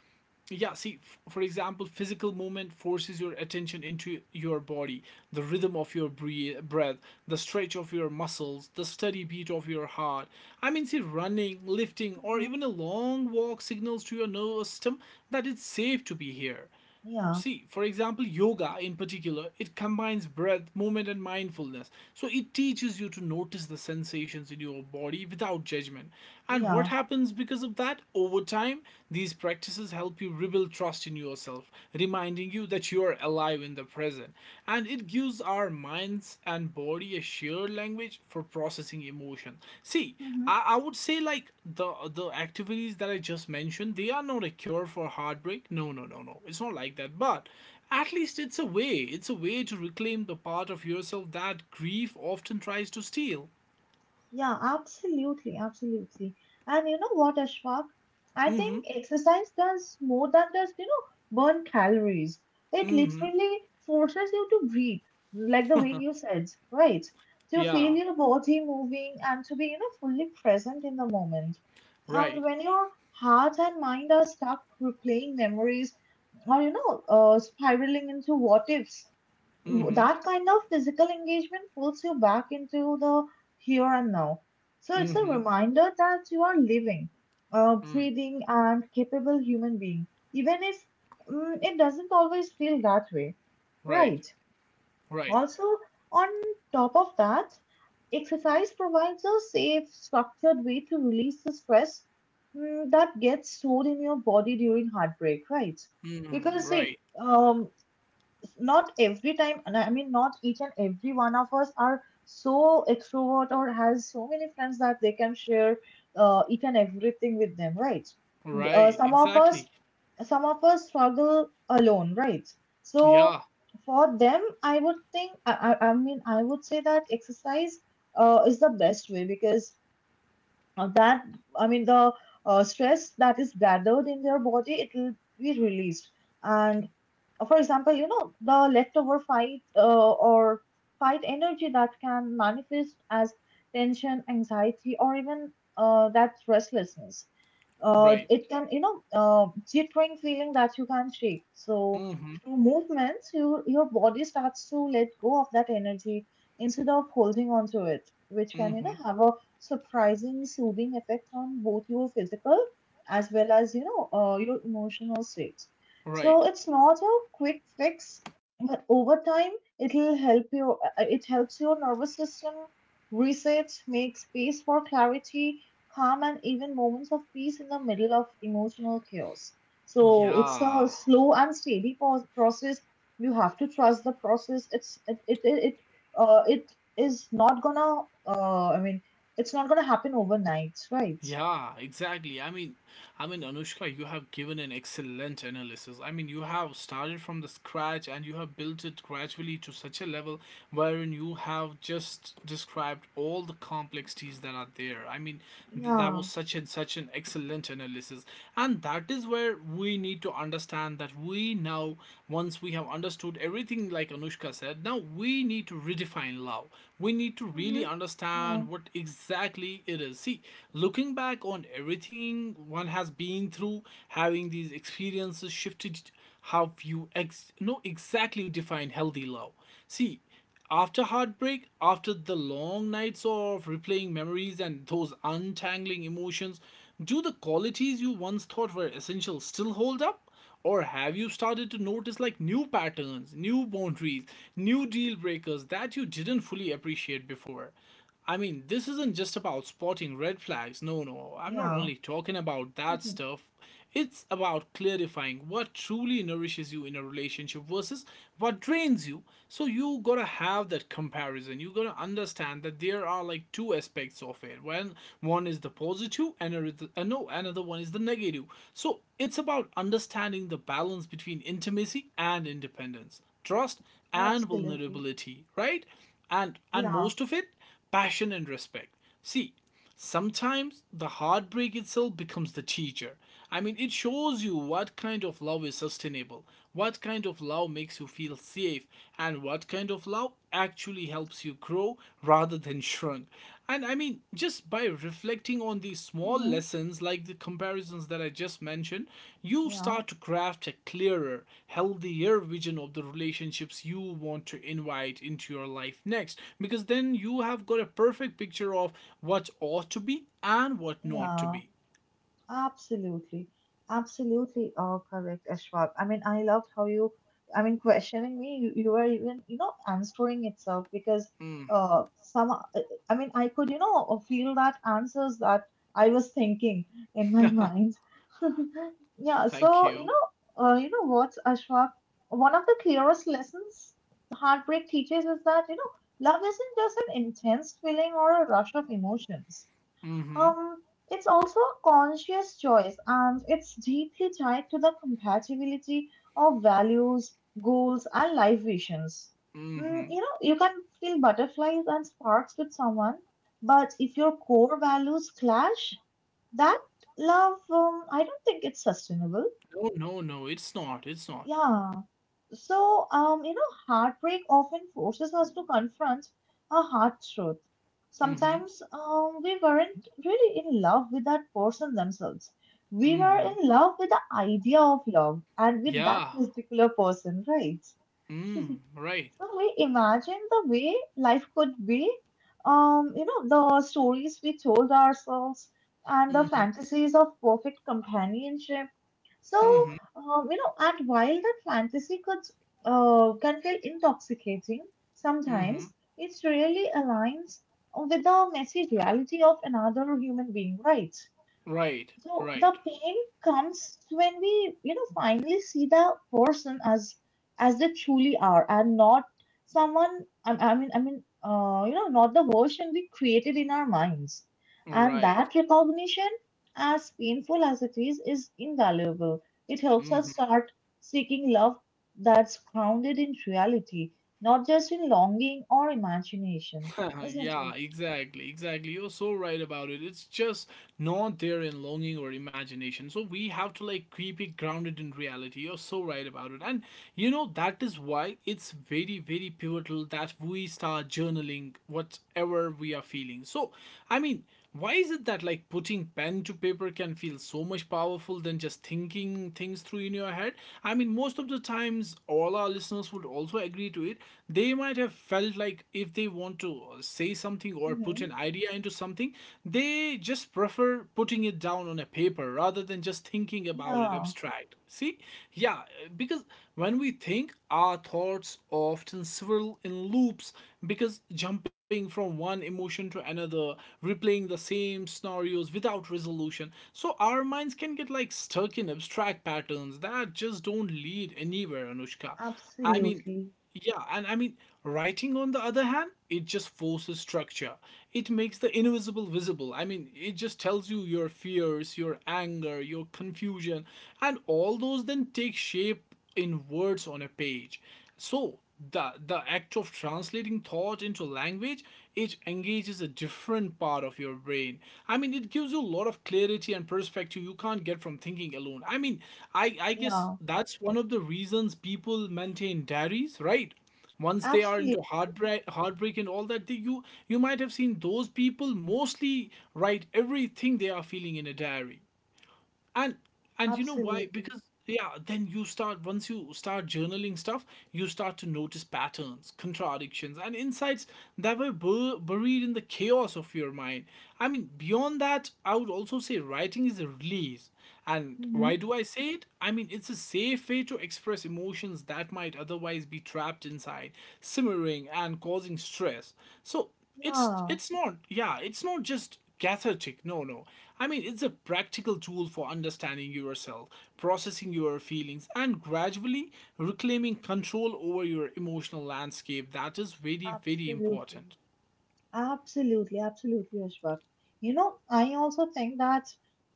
[SPEAKER 2] yeah, see, for example, physical movement forces your attention into your body, the rhythm of your breath, the stretch of your muscles, the steady beat of your heart. I mean, see, running, lifting, or
[SPEAKER 1] Hmm.
[SPEAKER 2] even a long walk signals to your nervous system that it's safe to be here.
[SPEAKER 1] Yeah,
[SPEAKER 2] See, for example, yoga in particular, it combines breath, movement, and mindfulness, so it teaches you to notice the sensations in your body without judgment. And what
[SPEAKER 1] yeah.
[SPEAKER 2] happens because of that over time, these practices help you rebuild trust in yourself, reminding you that you're alive in the present. And it gives our minds and body a shared language for processing emotion. See,
[SPEAKER 1] Mm-hmm.
[SPEAKER 2] I would say like the activities that I just mentioned, they are not a cure for heartbreak. No, no, no, no. It's not like that. But at least it's a way. It's a way to reclaim the part of yourself that grief often tries to steal.
[SPEAKER 1] Yeah, absolutely, absolutely. And you know what, Ashfaq? I
[SPEAKER 2] Mm-hmm.
[SPEAKER 1] think exercise does more than just, you know, burn calories. It
[SPEAKER 2] Mm-hmm.
[SPEAKER 1] literally forces you to breathe, like the way you said, right? To feel
[SPEAKER 2] Yeah.
[SPEAKER 1] your body moving and to be, you know, fully present in the moment. And
[SPEAKER 2] Right.
[SPEAKER 1] when your heart and mind are stuck replaying memories or, spiraling into what ifs,
[SPEAKER 2] Mm-hmm.
[SPEAKER 1] that kind of physical engagement pulls you back into the here and now. So it's a
[SPEAKER 2] Mm-hmm.
[SPEAKER 1] reminder that you are living, a
[SPEAKER 2] Mm.
[SPEAKER 1] breathing, and capable human being, even if it doesn't always feel that way.
[SPEAKER 2] Right.
[SPEAKER 1] Right.
[SPEAKER 2] Right.
[SPEAKER 1] Also, on top of that, exercise provides a safe, structured way to release the stress, that gets stored in your body during heartbreak, right?
[SPEAKER 2] Mm.
[SPEAKER 1] Because,
[SPEAKER 2] Right.
[SPEAKER 1] see, not every time, and I mean not each and every one of us are so extrovert or has so many friends that they can share each and everything with them, right? uh,
[SPEAKER 2] Right,
[SPEAKER 1] some of us,
[SPEAKER 2] exactly.
[SPEAKER 1] some of us struggle alone, right?
[SPEAKER 2] Yeah,
[SPEAKER 1] So for them, I would think, I mean, I would say that exercise is the best way, because of that. I mean the stress that is gathered in their body, it will be released. And for example, you know, the leftover fight, or fight energy that can manifest as tension, anxiety, or even that restlessness,
[SPEAKER 2] right.
[SPEAKER 1] it can you know jittering feeling that you can not shake. So
[SPEAKER 2] Mm-hmm.
[SPEAKER 1] through movements, your body starts to let go of that energy instead of holding on to it, which can, you
[SPEAKER 2] Mm-hmm.
[SPEAKER 1] know, have a surprising soothing effect on both your physical as well as, your emotional state.
[SPEAKER 2] Right.
[SPEAKER 1] So it's not a quick fix, but over time it'll help you, it helps your nervous system resets, make space for clarity, calm, and even moments of peace in the middle of emotional chaos. So it's a
[SPEAKER 2] Yeah.
[SPEAKER 1] slow and steady process. You have to trust the process. It's it it it it, it is not gonna, I mean, it's not gonna happen overnight, right?
[SPEAKER 2] Yeah, exactly. I mean, Anushka, you have given an excellent analysis. I mean, you have started from the scratch and you have built it gradually to such a level wherein you have just described all the complexities that are there. I mean, that
[SPEAKER 1] Yeah.
[SPEAKER 2] was such an excellent analysis, and that is where we need to understand that we now, once we have understood everything like Anushka said, now we need to redefine love. We need to really
[SPEAKER 1] Mm-hmm. Yeah,
[SPEAKER 2] understand what exactly it is. See, looking back on everything one has been through, having these experiences shifted how you ex- know exactly define healthy love. See, after heartbreak, after the long nights of replaying memories and those untangling emotions, do the qualities you once thought were essential still hold up? Or have you started to notice like new patterns, new boundaries, new deal breakers that you didn't fully appreciate before? I mean, this isn't just about spotting red flags. No, no, I'm not
[SPEAKER 1] yeah.
[SPEAKER 2] only talking about that
[SPEAKER 1] Mhm.
[SPEAKER 2] stuff. It's about clarifying what truly nourishes you in a relationship versus what drains you. So you gotta have that comparison. You gotta understand that there are like two aspects of it. When one is the positive and another- no, another one is the negative. So it's about understanding the balance between intimacy and independence, trust and
[SPEAKER 1] Absolutely.
[SPEAKER 2] vulnerability, right? And
[SPEAKER 1] Yeah.
[SPEAKER 2] most of it, passion and respect. See, sometimes the heartbreak itself becomes the teacher. I mean, it shows you what kind of love is sustainable, what kind of love makes you feel safe, and what kind of love actually helps you grow rather than shrunk. And I mean, just by reflecting on these small
[SPEAKER 1] Hmm.
[SPEAKER 2] lessons, like the comparisons that I just mentioned, you
[SPEAKER 1] Yeah.
[SPEAKER 2] start to craft a clearer, healthier vision of the relationships you want to invite into your life next. Because then you have got a perfect picture of what ought to be and what not to
[SPEAKER 1] Yeah.
[SPEAKER 2] be.
[SPEAKER 1] Absolutely, absolutely, oh, correct, Ashwab. I mean, I loved how you, I mean, questioning me, you were even, you know, answering itself because
[SPEAKER 2] Mm.
[SPEAKER 1] uh, some, uh, I mean, I could, you know, feel that answers that I was thinking in my mind. Yeah,
[SPEAKER 2] Thank
[SPEAKER 1] so,
[SPEAKER 2] you.
[SPEAKER 1] you know what, Ashwab, one of the clearest lessons heartbreak teaches is that, you know, love isn't just an intense feeling or a rush of emotions.
[SPEAKER 2] Mm-hmm.
[SPEAKER 1] Um, it's also a conscious choice, and it's deeply tied to the compatibility of values, goals, and life visions.
[SPEAKER 2] Mm-hmm.
[SPEAKER 1] You know, you can feel butterflies and sparks with someone, but if your core values clash, that love, I don't think it's sustainable.
[SPEAKER 2] No, no, no, it's not. It's not.
[SPEAKER 1] Yeah. So, you know, heartbreak often forces us to confront a hard truth.
[SPEAKER 2] Mm-hmm.
[SPEAKER 1] Sometimes we weren't really in love with that person themselves. We were
[SPEAKER 2] Mm-hmm.
[SPEAKER 1] in love with the idea of love and with that
[SPEAKER 2] Yeah.
[SPEAKER 1] particular person, right?
[SPEAKER 2] Mm. Right.
[SPEAKER 1] So we imagine the way life could be, you know, the stories we told ourselves and the
[SPEAKER 2] Mm-hmm.
[SPEAKER 1] fantasies of perfect companionship. So,
[SPEAKER 2] Mm-hmm.
[SPEAKER 1] you know, and while that fantasy could can feel intoxicating
[SPEAKER 2] Mm-hmm.
[SPEAKER 1] sometimes, it really aligns with the messy reality of another human being, right?
[SPEAKER 2] Right.
[SPEAKER 1] So the
[SPEAKER 2] Right.
[SPEAKER 1] pain comes when we, you know, finally see the person as they truly are, and not someone. I mean, you know, not the version we created in our minds. And
[SPEAKER 2] Right.
[SPEAKER 1] that recognition, as painful as it is invaluable. It helps us
[SPEAKER 2] Hmm.
[SPEAKER 1] start seeking love that's grounded in reality, not just in longing or imagination, isn't
[SPEAKER 2] Yeah,
[SPEAKER 1] it?
[SPEAKER 2] exactly, exactly. You're so right about it. It's just not there in longing or imagination. So we have to like keep it grounded in reality. You're so right about it. And you know, that is why it's very, very pivotal that we start journaling whatever we are feeling. So, I mean, why is it that like putting pen to paper can feel so much powerful than just thinking things through in your head? I mean, most of the times, all our listeners would also agree to it. They might have felt like if they want to say something or put
[SPEAKER 1] Mm-hmm.
[SPEAKER 2] an idea into something, they just prefer putting it down on a paper rather than just thinking about it
[SPEAKER 1] Yeah,
[SPEAKER 2] abstract. See? Yeah. Because when we think, our thoughts often swirl in loops, because jumping from one emotion to another, replaying the same scenarios without resolution. So our minds can get like stuck in abstract patterns that just don't lead anywhere, Anushka. I mean,
[SPEAKER 1] absolutely.
[SPEAKER 2] yeah, and I mean, writing on the other hand, it just forces structure. It makes the invisible visible. I mean, it just tells you your fears, your anger, your confusion, and all those then take shape in words on a page. So, the act of translating thought into language, it engages a different part of your brain. I mean, it gives you a lot of clarity and perspective you can't get from thinking alone. I mean, I guess
[SPEAKER 1] Yeah.
[SPEAKER 2] that's one of the reasons people maintain diaries, right? Once they are
[SPEAKER 1] Absolutely,
[SPEAKER 2] into heartbreak and all that, they, you might have seen those people mostly write everything they are feeling in a diary. And and you know why?
[SPEAKER 1] absolutely.
[SPEAKER 2] Because yeah, then you start, once you start journaling stuff, you start to notice patterns, contradictions, and insights that were buried in the chaos of your mind. I mean, beyond that, I would also say writing is a release. And
[SPEAKER 1] Hmm.
[SPEAKER 2] why do I say it? I mean, it's a safe way to express emotions that might otherwise be trapped inside, simmering and causing stress. So it's
[SPEAKER 1] Yeah,
[SPEAKER 2] it's not, yeah, it's not just cathartic. No, no, I mean, it's a practical tool for understanding yourself, processing your feelings, and gradually reclaiming control over your emotional landscape. That is very, very
[SPEAKER 1] absolutely.
[SPEAKER 2] important.
[SPEAKER 1] Absolutely, absolutely, Ashwak. You know, I also think that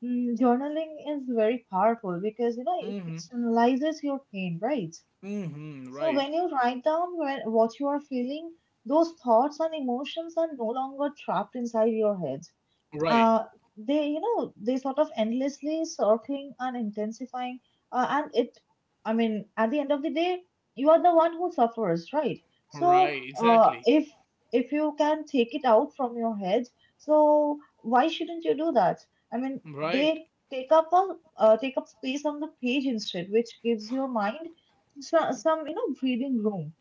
[SPEAKER 1] journaling is very powerful because, you know, it
[SPEAKER 2] Mm-hmm.
[SPEAKER 1] externalizes your pain, right?
[SPEAKER 2] Mm-hmm.
[SPEAKER 1] So
[SPEAKER 2] Right.
[SPEAKER 1] when you write down where, what you are feeling, those thoughts and emotions are no longer trapped inside your head.
[SPEAKER 2] Right.
[SPEAKER 1] uh, they sort of endlessly circling and intensifying. And it I mean, at the end of the day, you are the one who suffers, right? So
[SPEAKER 2] Right.
[SPEAKER 1] uh,
[SPEAKER 2] Exactly.
[SPEAKER 1] if if you can take it out from your head, so why shouldn't you do that? I mean,
[SPEAKER 2] Right.
[SPEAKER 1] they take up a take up space on the page instead, which gives your mind some, you know, breathing room.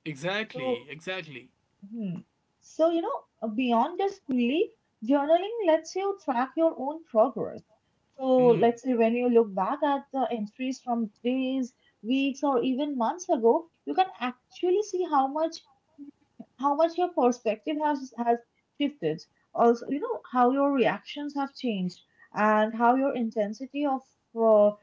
[SPEAKER 1] So
[SPEAKER 2] Exactly, exactly.
[SPEAKER 1] hmm. So, you know, beyond just belief, journaling lets you track your own progress. So,
[SPEAKER 2] Mm.
[SPEAKER 1] let's say when you look back at the entries from days, weeks, or even months ago, you can actually see how much your perspective has shifted. Also, you know, how your reactions have changed and how your intensity of uh,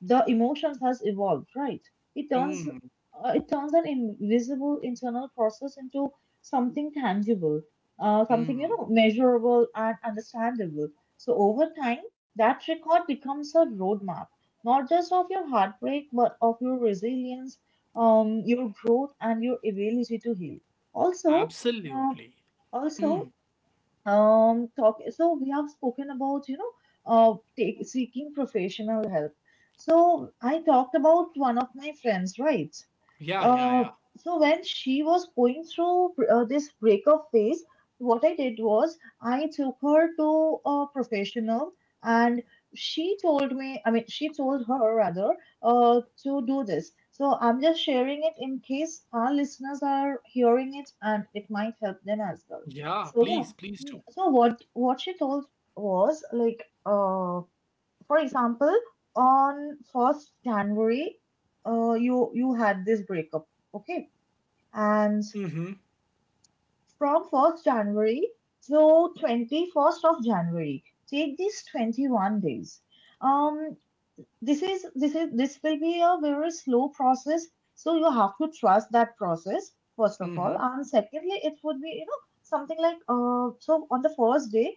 [SPEAKER 1] the emotions has evolved, right? it turns
[SPEAKER 2] Mm.
[SPEAKER 1] uh, it turns an invisible internal process into something tangible, something, you
[SPEAKER 2] Mm.
[SPEAKER 1] know, measurable and understandable. So over time, that record becomes a roadmap, not just of your heartbreak but of your resilience, your growth and your ability to heal also. Uh,
[SPEAKER 2] Absolutely.
[SPEAKER 1] also
[SPEAKER 2] Mm.
[SPEAKER 1] talk So we have spoken about, you know, seeking professional help. So I talked about one of my friends, right?
[SPEAKER 2] Yeah, yeah,
[SPEAKER 1] uh
[SPEAKER 2] yeah.
[SPEAKER 1] so when she was going through this breakup phase, what I did was I took her to a professional. And she told me, I mean, she told her rather, to do this. So I'm just sharing it in case our listeners are hearing it and it might help them as well.
[SPEAKER 2] Yeah,
[SPEAKER 1] So yeah.
[SPEAKER 2] please, please do.
[SPEAKER 1] So what she told was like, for example, on first January, you had this breakup, okay? And
[SPEAKER 2] Mm-hmm.
[SPEAKER 1] from first January to 21st of January, take these 21 days. Um, this will be a very slow process, so you have to trust that process, first of all.
[SPEAKER 2] Mm-hmm.
[SPEAKER 1] And secondly, it would be, you know, something like, so on the first day,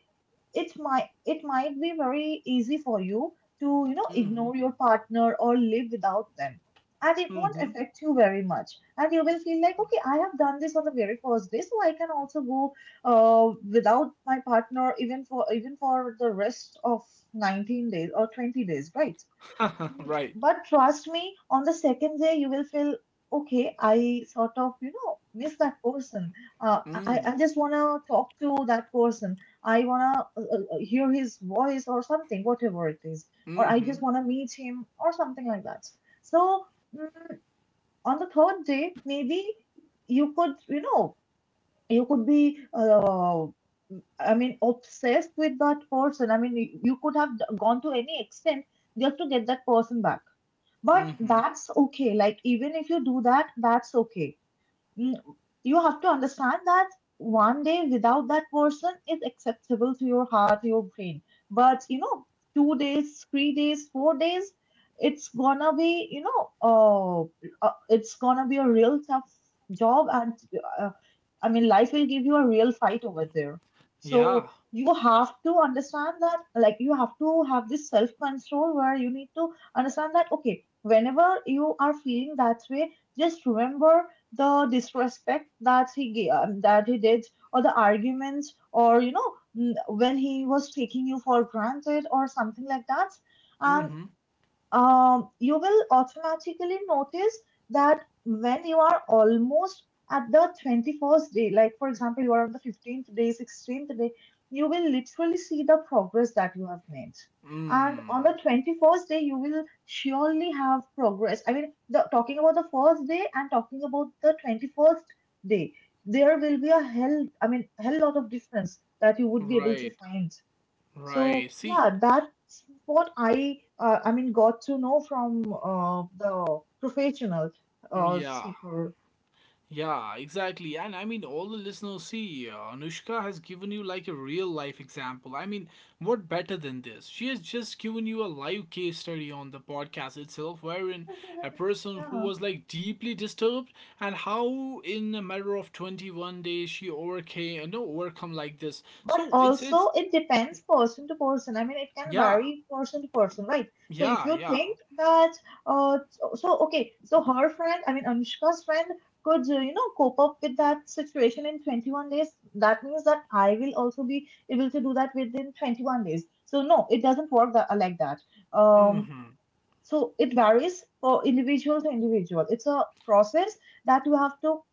[SPEAKER 1] it might be very easy for you to, you know,
[SPEAKER 2] Mm-hmm.
[SPEAKER 1] ignore your partner or live without them, and it won't
[SPEAKER 2] Mm-hmm.
[SPEAKER 1] affect you very much. And you will feel like, okay, I have done this on the very first day, so I can also go without my partner even for, even for the rest of 19 days or 20 days, right?
[SPEAKER 2] Right.
[SPEAKER 1] But trust me, on the second day, you will feel okay. I sort of, you know, miss that person.
[SPEAKER 2] Mm.
[SPEAKER 1] I just want to talk to that person. I want to hear his voice or something, whatever it is. Or I
[SPEAKER 2] Mm-hmm.
[SPEAKER 1] just want to meet him or something like that. So mm, on the third day, maybe you could, you know, you could be, I mean, obsessed with that person. I mean, you could have gone to any extent just to get that person back. But
[SPEAKER 2] Mm-hmm.
[SPEAKER 1] that's okay. Like, even if you do that, that's okay. mm, you have to understand that one day without that person is acceptable to your heart, your brain. But you know, 2 days, 3 days, 4 days, it's gonna be, you know, it's gonna be a real tough job. And uh, I mean, life will give you a real fight over there. So
[SPEAKER 2] Yeah.
[SPEAKER 1] you have to understand that, like, you have to have this self control where you need to understand that, okay, whenever you are feeling that way, just remember the disrespect that he gave, that he did, or the arguments, or you know, when he was taking you for granted, or something like that.
[SPEAKER 2] Mm-hmm.
[SPEAKER 1] Um, you will automatically notice that when you are almost at the 21st day, like for example, you are on the 15th day, 16th day, you will literally see the progress that you have made. And on
[SPEAKER 2] Mm.
[SPEAKER 1] the 21st day, you will surely have progress. I mean, the, talking about the first day and talking about the 21st day, there will be a hell, I mean, hell lot of difference that you would be able to
[SPEAKER 2] Right.
[SPEAKER 1] find. So
[SPEAKER 2] Right. See.
[SPEAKER 1] yeah, that's what I mean got to know from the professional
[SPEAKER 2] Yeah.
[SPEAKER 1] seeker.
[SPEAKER 2] Yeah, exactly. And I mean, all the listeners, see, Anushka has given you like a real life example. I mean, what better than this? She has just given you a live case study on the podcast itself, wherein a person who
[SPEAKER 1] Yeah,
[SPEAKER 2] was like deeply disturbed, and how in a matter of 21 days she overcame, no, overcome like this.
[SPEAKER 1] but
[SPEAKER 2] So it's,
[SPEAKER 1] also
[SPEAKER 2] it's,
[SPEAKER 1] it depends person to person. I mean, it can
[SPEAKER 2] yeah,
[SPEAKER 1] vary person to person, right? So if
[SPEAKER 2] yeah,
[SPEAKER 1] you
[SPEAKER 2] yeah.
[SPEAKER 1] think that, okay, so her friend, I mean Anushka's friend, could, you know, cope up with that situation in 21 days. That means that I will also be able to do that within 21 days. So no, it doesn't work that, like that. Um,
[SPEAKER 2] Mm-hmm.
[SPEAKER 1] So it varies for individual to individual. It's a process that you have to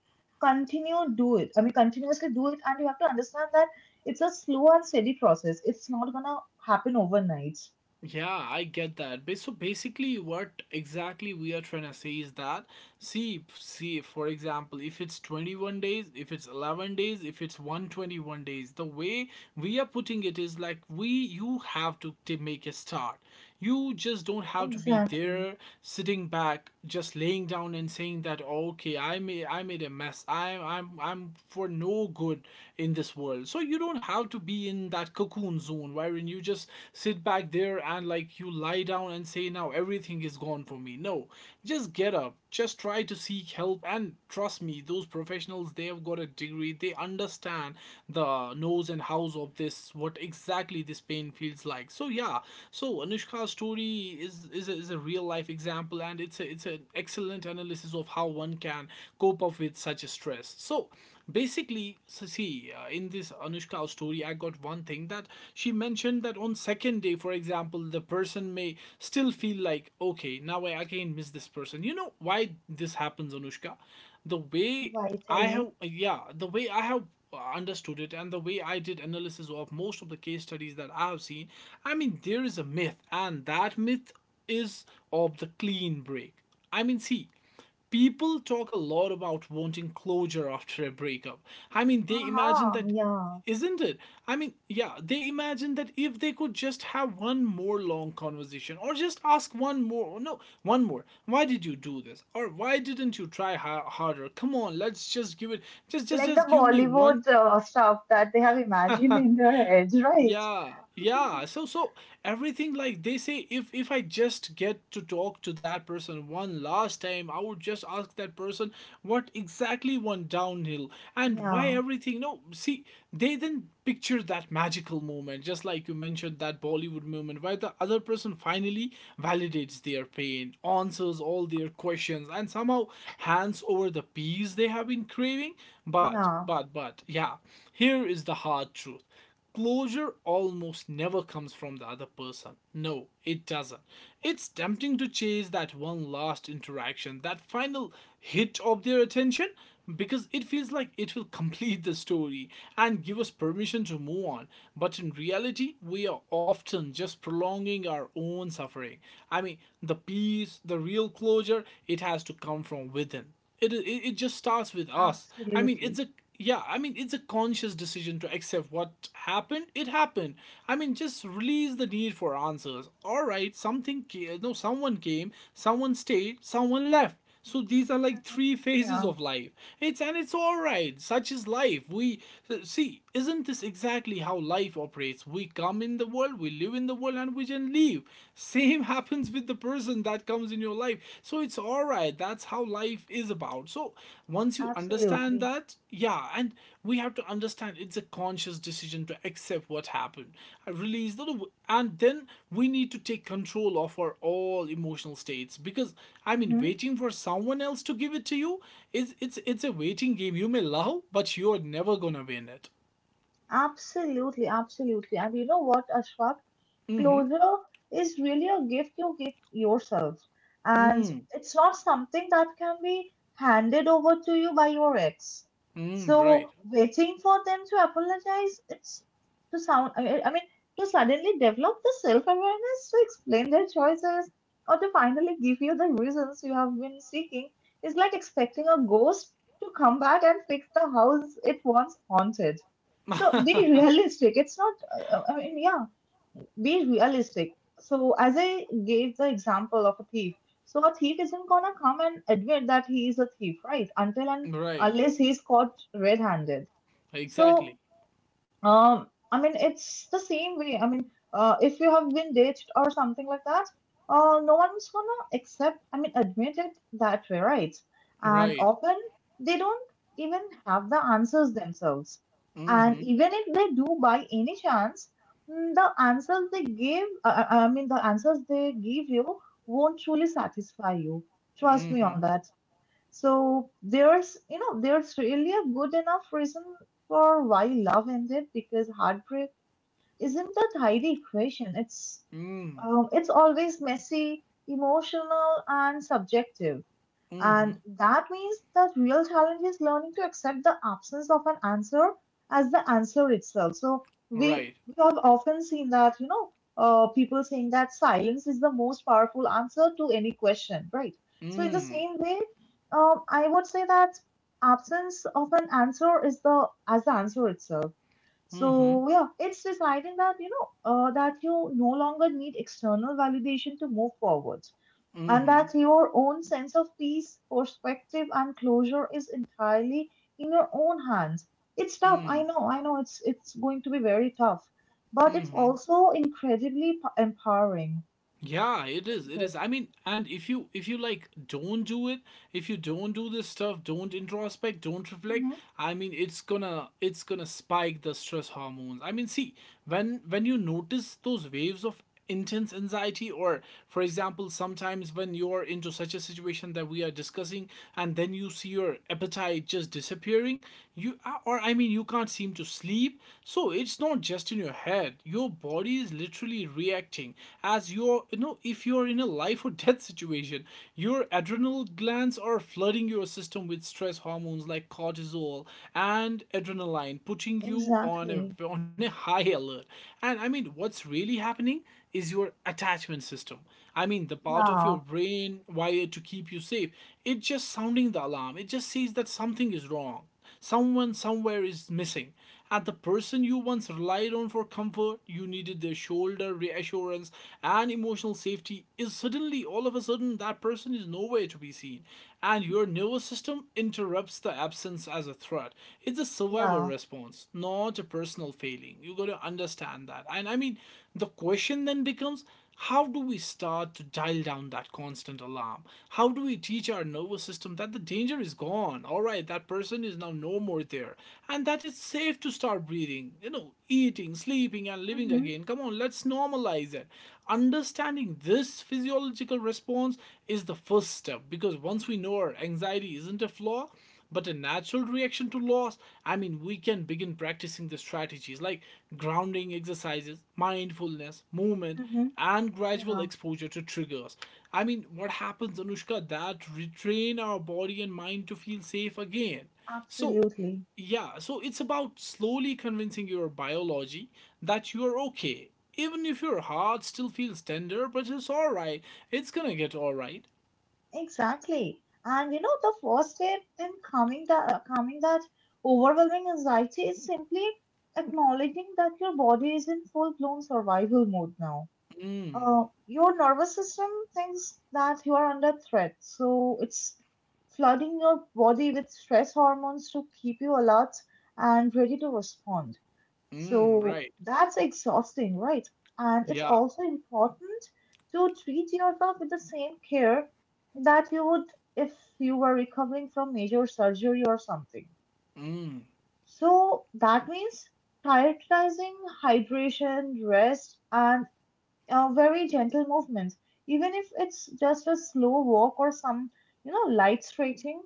[SPEAKER 1] continue do it. I mean, continuously do it, and you have to understand that it's a slow and steady process. It's not gonna happen overnight.
[SPEAKER 2] Yeah, I get that. So basically, what exactly we are trying to say is that see, see, for example, if it's 21 days, if it's 11 days, if it's 121 days, the way we are putting it is like we you have to make a start. You just don't have to be
[SPEAKER 1] Exactly.
[SPEAKER 2] there sitting back, just laying down and saying that oh, okay, I made a mess. I'm for no good in this world. So you don't have to be in that cocoon zone wherein you just sit back there and like you lie down and say now everything is gone for me. No, just get up. Just try to seek help, and trust me, those professionals, they have got a degree. They understand the knows and hows of this, what exactly this pain feels like. So yeah, so Anushka's story is a real life example, and it's an excellent analysis of how one can cope up with such a stress. So basically, so see, in this Anushka story, I got one thing that she mentioned, that on second day, for example, the person may still feel like okay, now I again miss this person. You know why this happens, Anushka? The way
[SPEAKER 1] Why? Tell
[SPEAKER 2] I
[SPEAKER 1] me.
[SPEAKER 2] have, yeah, the way I have understood it, and the way I did analysis of most of the case studies that I have seen, I mean, there is a myth, and that myth is of the clean break. I mean, see, people talk a lot about wanting closure after a breakup. I mean, they imagine
[SPEAKER 1] Uh-huh,
[SPEAKER 2] that,
[SPEAKER 1] yeah.
[SPEAKER 2] isn't it? I mean, yeah, they imagine that if they could just have one more long conversation or just ask one more, no, one more, why did you do this? Or why didn't you try harder? Come on, let's just give it,
[SPEAKER 1] Like the
[SPEAKER 2] just give me one.
[SPEAKER 1] Bollywood stuff that they have imagined in their heads, right?
[SPEAKER 2] Yeah, yeah, so so everything, like they say, if I just get to talk to that person one last time, I would just ask that person what exactly went downhill and why
[SPEAKER 1] Yeah,
[SPEAKER 2] everything. No, see, they then picture that magical moment, just like you mentioned, that Bollywood moment where the other person finally validates their pain, answers all their questions, and somehow hands over the peace they have been craving. but
[SPEAKER 1] yeah,
[SPEAKER 2] but but yeah, here is the hard truth. Closure almost never comes from the other person. No, it doesn't. It's tempting to chase that one last interaction, that final hit of their attention, because it feels like it will complete the story and give us permission to move on. But in reality, we are often just prolonging our own suffering. I mean, the peace, the real closure, it has to come from within. It just starts with us. I mean, it's
[SPEAKER 1] absolutely.
[SPEAKER 2] a, yeah, I mean, it's a conscious decision to accept what happened. It happened. I mean, just release the need for answers. All right, something ca- no someone came, someone stayed, someone left. So these are like
[SPEAKER 1] Mhm.
[SPEAKER 2] three phases
[SPEAKER 1] Yeah,
[SPEAKER 2] of life. It's, and it's all right, such is life. We see, isn't this exactly how life operates? We come in the world, we live in the world, and we then leave. Same happens with the person that comes in your life. So it's all right. That's how life is about. So once you understand
[SPEAKER 1] absolutely.
[SPEAKER 2] that, yeah, and we have to understand it's a conscious decision to accept what happened, I release the, and then we need to take control of our all emotional states. Because I mean,
[SPEAKER 1] Mhm.
[SPEAKER 2] waiting for someone else to give it to you is, it's a waiting game. You may love, but you're never gonna win it.
[SPEAKER 1] Absolutely, absolutely. And you know what, Ashraf?
[SPEAKER 2] Mm-hmm.
[SPEAKER 1] Closure is really a gift you give yourself. And it's not something that can be handed over to you by your ex.
[SPEAKER 2] Mm, right.
[SPEAKER 1] So waiting for them to apologize, it's to sound, I mean, to suddenly develop the self-awareness to explain their choices or to finally give you the reasons you have been seeking is like expecting a ghost to come back and fix the house it once haunted. So be realistic. It's not, I mean, yeah, Be realistic. So, as I gave the example of a thief, so a thief isn't gonna come and admit that he is a thief, right? Until and
[SPEAKER 2] Right.
[SPEAKER 1] unless he's caught red handed. So,
[SPEAKER 2] Exactly.
[SPEAKER 1] I mean, it's the same way. I mean, if you have been ditched or something like that, no one's gonna accept, I mean, admit it that way, right? And
[SPEAKER 2] Right.
[SPEAKER 1] often they don't even have the answers themselves. And
[SPEAKER 2] Mm-hmm.
[SPEAKER 1] even if they do by any chance, the answers they give, the answers they give you won't truly satisfy you. Trust me
[SPEAKER 2] Mm-hmm.
[SPEAKER 1] on that. So there's, you know, there's really a good enough reason for why love ended because heartbreak isn't a tidy equation. It's,
[SPEAKER 2] Mm.
[SPEAKER 1] it's always messy, emotional, and subjective.
[SPEAKER 2] Mm-hmm.
[SPEAKER 1] And that means the real challenge is learning to accept the absence of an answer as the answer itself. So we
[SPEAKER 2] Right.
[SPEAKER 1] we have often seen that, you know, people saying that silence is the most powerful answer to any question, right? So in the
[SPEAKER 2] Mm.
[SPEAKER 1] same way, I would say that absence of an answer is the answer itself.
[SPEAKER 2] Mm-hmm.
[SPEAKER 1] So yeah, it's deciding that, you know, that you no longer need external validation to move forward, and
[SPEAKER 2] Mm-hmm.
[SPEAKER 1] that your own sense of peace, perspective, and closure is entirely in your own hands. It's tough. I
[SPEAKER 2] Mm.
[SPEAKER 1] know. I know. It's going to be very tough, but it's
[SPEAKER 2] Mm-hmm.
[SPEAKER 1] also incredibly empowering.
[SPEAKER 2] Yeah, it is. It
[SPEAKER 1] Isn't it?
[SPEAKER 2] is. I mean, and if you like don't do it, if you don't do this stuff, don't introspect, don't reflect,
[SPEAKER 1] Hmm.
[SPEAKER 2] I mean, it's gonna spike the stress hormones. I mean, see, when you notice those waves of intense anxiety, or for example, sometimes when you're into such a situation that we are discussing, and then you see your appetite just disappearing, you, or I mean, you can't seem to sleep. So it's not just in your head. Your body is literally reacting, as you're, you know, if you're in a life or death situation. Your adrenal glands are flooding your system with stress hormones like cortisol and adrenaline, putting you on a
[SPEAKER 1] Exactly.
[SPEAKER 2] on a high alert. And I mean, what's really happening is your attachment system. I mean, the part of your
[SPEAKER 1] Yeah.
[SPEAKER 2] brain wired to keep you safe. It's just sounding the alarm. It just says that something is wrong. Someone somewhere is missing. And the person you once relied on for comfort, you needed their shoulder, reassurance, and emotional safety, is suddenly all of a sudden that person is nowhere to be seen. And your nervous system interrupts the absence as a threat. It's a survival
[SPEAKER 1] Yeah.
[SPEAKER 2] response, not a personal failing. You gotta understand that. The question then becomes, how do we start to dial down that constant alarm? How do we teach our nervous system that the danger is gone? All right, that person is now no more there, and that it's safe to start breathing, eating, sleeping, and living
[SPEAKER 1] Hmm.
[SPEAKER 2] again. Come on, let's normalize it. Understanding this physiological response is the first step because once we know our anxiety isn't a flaw, but a natural reaction to loss, we can begin practicing the strategies like grounding exercises, mindfulness, movement,
[SPEAKER 1] Hmm.
[SPEAKER 2] and gradual
[SPEAKER 1] Yeah.
[SPEAKER 2] exposure to triggers, what happens, Anushka, that retrain our body and mind to feel safe again. so
[SPEAKER 1] Absolutely.
[SPEAKER 2] yeah, it's about slowly convincing your biology that you're okay, even if your heart still feels tender, but it's all right. It's gonna get all right.
[SPEAKER 1] Exactly. And you know, the first step in calming the calming that overwhelming anxiety is simply acknowledging that your body is in full blown survival mode now.
[SPEAKER 2] Mm,
[SPEAKER 1] Your nervous system thinks that you are under threat, so it's flooding your body with stress hormones to keep you alert and ready to respond.
[SPEAKER 2] mm,
[SPEAKER 1] So
[SPEAKER 2] right.
[SPEAKER 1] that's exhausting, right? And it's
[SPEAKER 2] Yeah.
[SPEAKER 1] also important to treat yourself with the same care that you would if you were recovering from major surgery or something.
[SPEAKER 2] Mm.
[SPEAKER 1] So that means prioritizing hydration, rest, and very gentle movements, even if it's just a slow walk or some, you know, light stretching.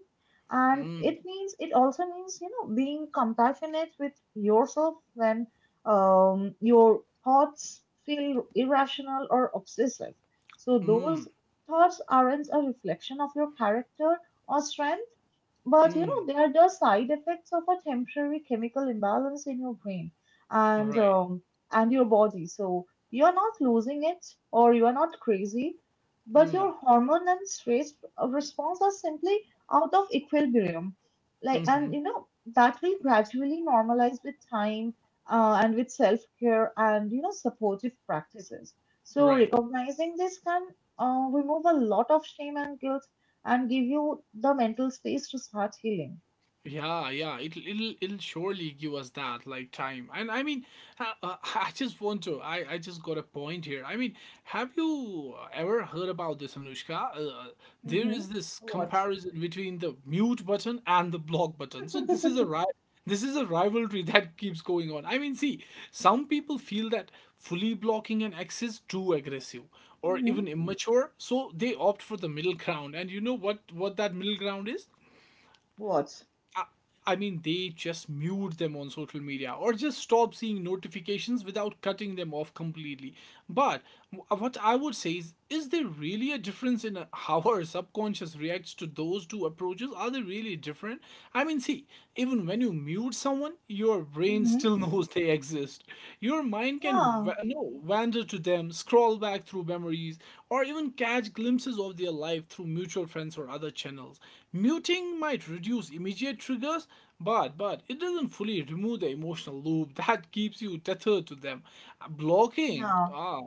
[SPEAKER 1] And
[SPEAKER 2] Mm,
[SPEAKER 1] it means, it also means, you know, being compassionate with yourself when, your thoughts feel irrational or obsessive. So
[SPEAKER 2] mm,
[SPEAKER 1] those thoughts aren't a reflection of your character or strength, but you
[SPEAKER 2] mm.
[SPEAKER 1] know, they are just side effects of a temporary chemical imbalance in your brain and
[SPEAKER 2] Right.
[SPEAKER 1] um, and your body. So you are not losing it or you are not crazy, but
[SPEAKER 2] Mm,
[SPEAKER 1] your hormone and stress response are simply out of equilibrium. Like,
[SPEAKER 2] mm-hmm.
[SPEAKER 1] and you know that will gradually normalize with time, and with self care and, you know, supportive practices. So
[SPEAKER 2] Right.
[SPEAKER 1] recognizing this can remove a lot of shame and guilt and give you the mental space to start healing.
[SPEAKER 2] Yeah, yeah, it, will it'll it'll surely give us that like time. And I mean, I just want to. I just got a point here. I mean, have you ever heard about this, Anushka? There
[SPEAKER 1] Mm-hmm.
[SPEAKER 2] is this
[SPEAKER 1] What?
[SPEAKER 2] comparison between the mute button and the block button. So this is a right. This is a rivalry that keeps going on. I mean, see, some people feel that fully blocking an X is too aggressive or
[SPEAKER 1] Mm-hmm.
[SPEAKER 2] even immature, so they opt for the middle ground. And you know what that middle ground is?
[SPEAKER 1] What?
[SPEAKER 2] I, I mean, they just mute them on social media or just stop seeing notifications without cutting them off completely. But what I would say is there really a difference in how our subconscious reacts to those two approaches? Are they really different? I mean, see, even when you mute someone, your brain
[SPEAKER 1] Mm-hmm.
[SPEAKER 2] still knows they exist. Your mind can
[SPEAKER 1] Yeah,
[SPEAKER 2] va- no wander to them, scroll back through memories, or even catch glimpses of their life through mutual friends or other channels. Muting might reduce immediate triggers, but it doesn't fully remove the emotional loop that keeps you tethered to them. Blocking,
[SPEAKER 1] yeah,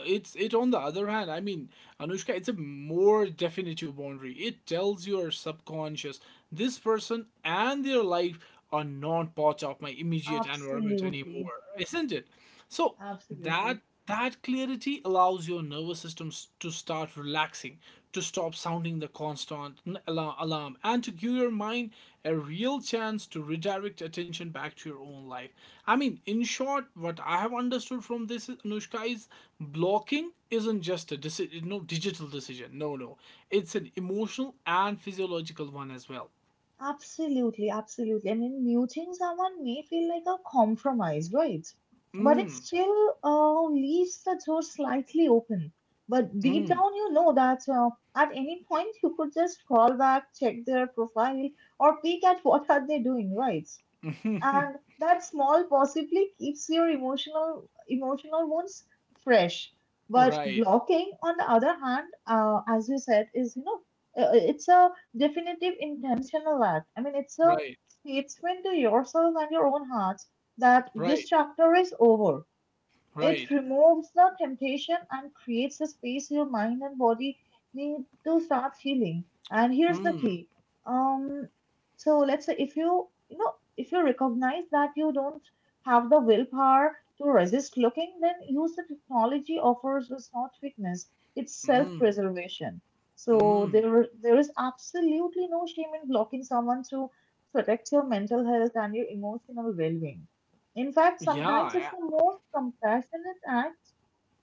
[SPEAKER 2] it on the other hand, I mean, Anushka, it's a more definitive boundary. It tells your subconscious this person and their life are not part of my immediate environment
[SPEAKER 1] absolutely,
[SPEAKER 2] anymore, isn't it? So that
[SPEAKER 1] absolutely,
[SPEAKER 2] clarity allows your nervous system to start relaxing, to stop sounding the constant alarm, and to give your mind a real chance to redirect attention back to your own life. I mean, in short, what I have understood from this is, Anushka, is blocking isn't just a digital decision. No, no, it's an emotional and physiological one as well.
[SPEAKER 1] absolutely, absolutely. I mean, muting someone may feel like a compromise, right? But it
[SPEAKER 2] Mm,
[SPEAKER 1] still leaves the door slightly open. But deep
[SPEAKER 2] mm,
[SPEAKER 1] down, you know that, at any point you could just scroll back, check their profile, or peek at what are they doing, right? And that small possibly keeps your emotional wounds fresh. But
[SPEAKER 2] right,
[SPEAKER 1] blocking on the other hand, as you said, is it's a definitive intentional act. I mean, it's a
[SPEAKER 2] right,
[SPEAKER 1] statement to yourself and your own heart that this
[SPEAKER 2] right,
[SPEAKER 1] chapter is over. It
[SPEAKER 2] right.
[SPEAKER 1] removes the temptation and creates a space your mind and body need to start feeling. And here's the
[SPEAKER 2] Mm.
[SPEAKER 1] key. Um so let's say if you you know if you recognize that you don't have the willpower to resist looking, then use the technology offers. Is not weakness, it's
[SPEAKER 2] Mm,
[SPEAKER 1] self-preservation. So
[SPEAKER 2] mm.
[SPEAKER 1] there is absolutely no shame in blocking someone to protect your mental health and your emotional well-being. In fact,
[SPEAKER 2] Yeah.
[SPEAKER 1] sometimes it's the most compassionate act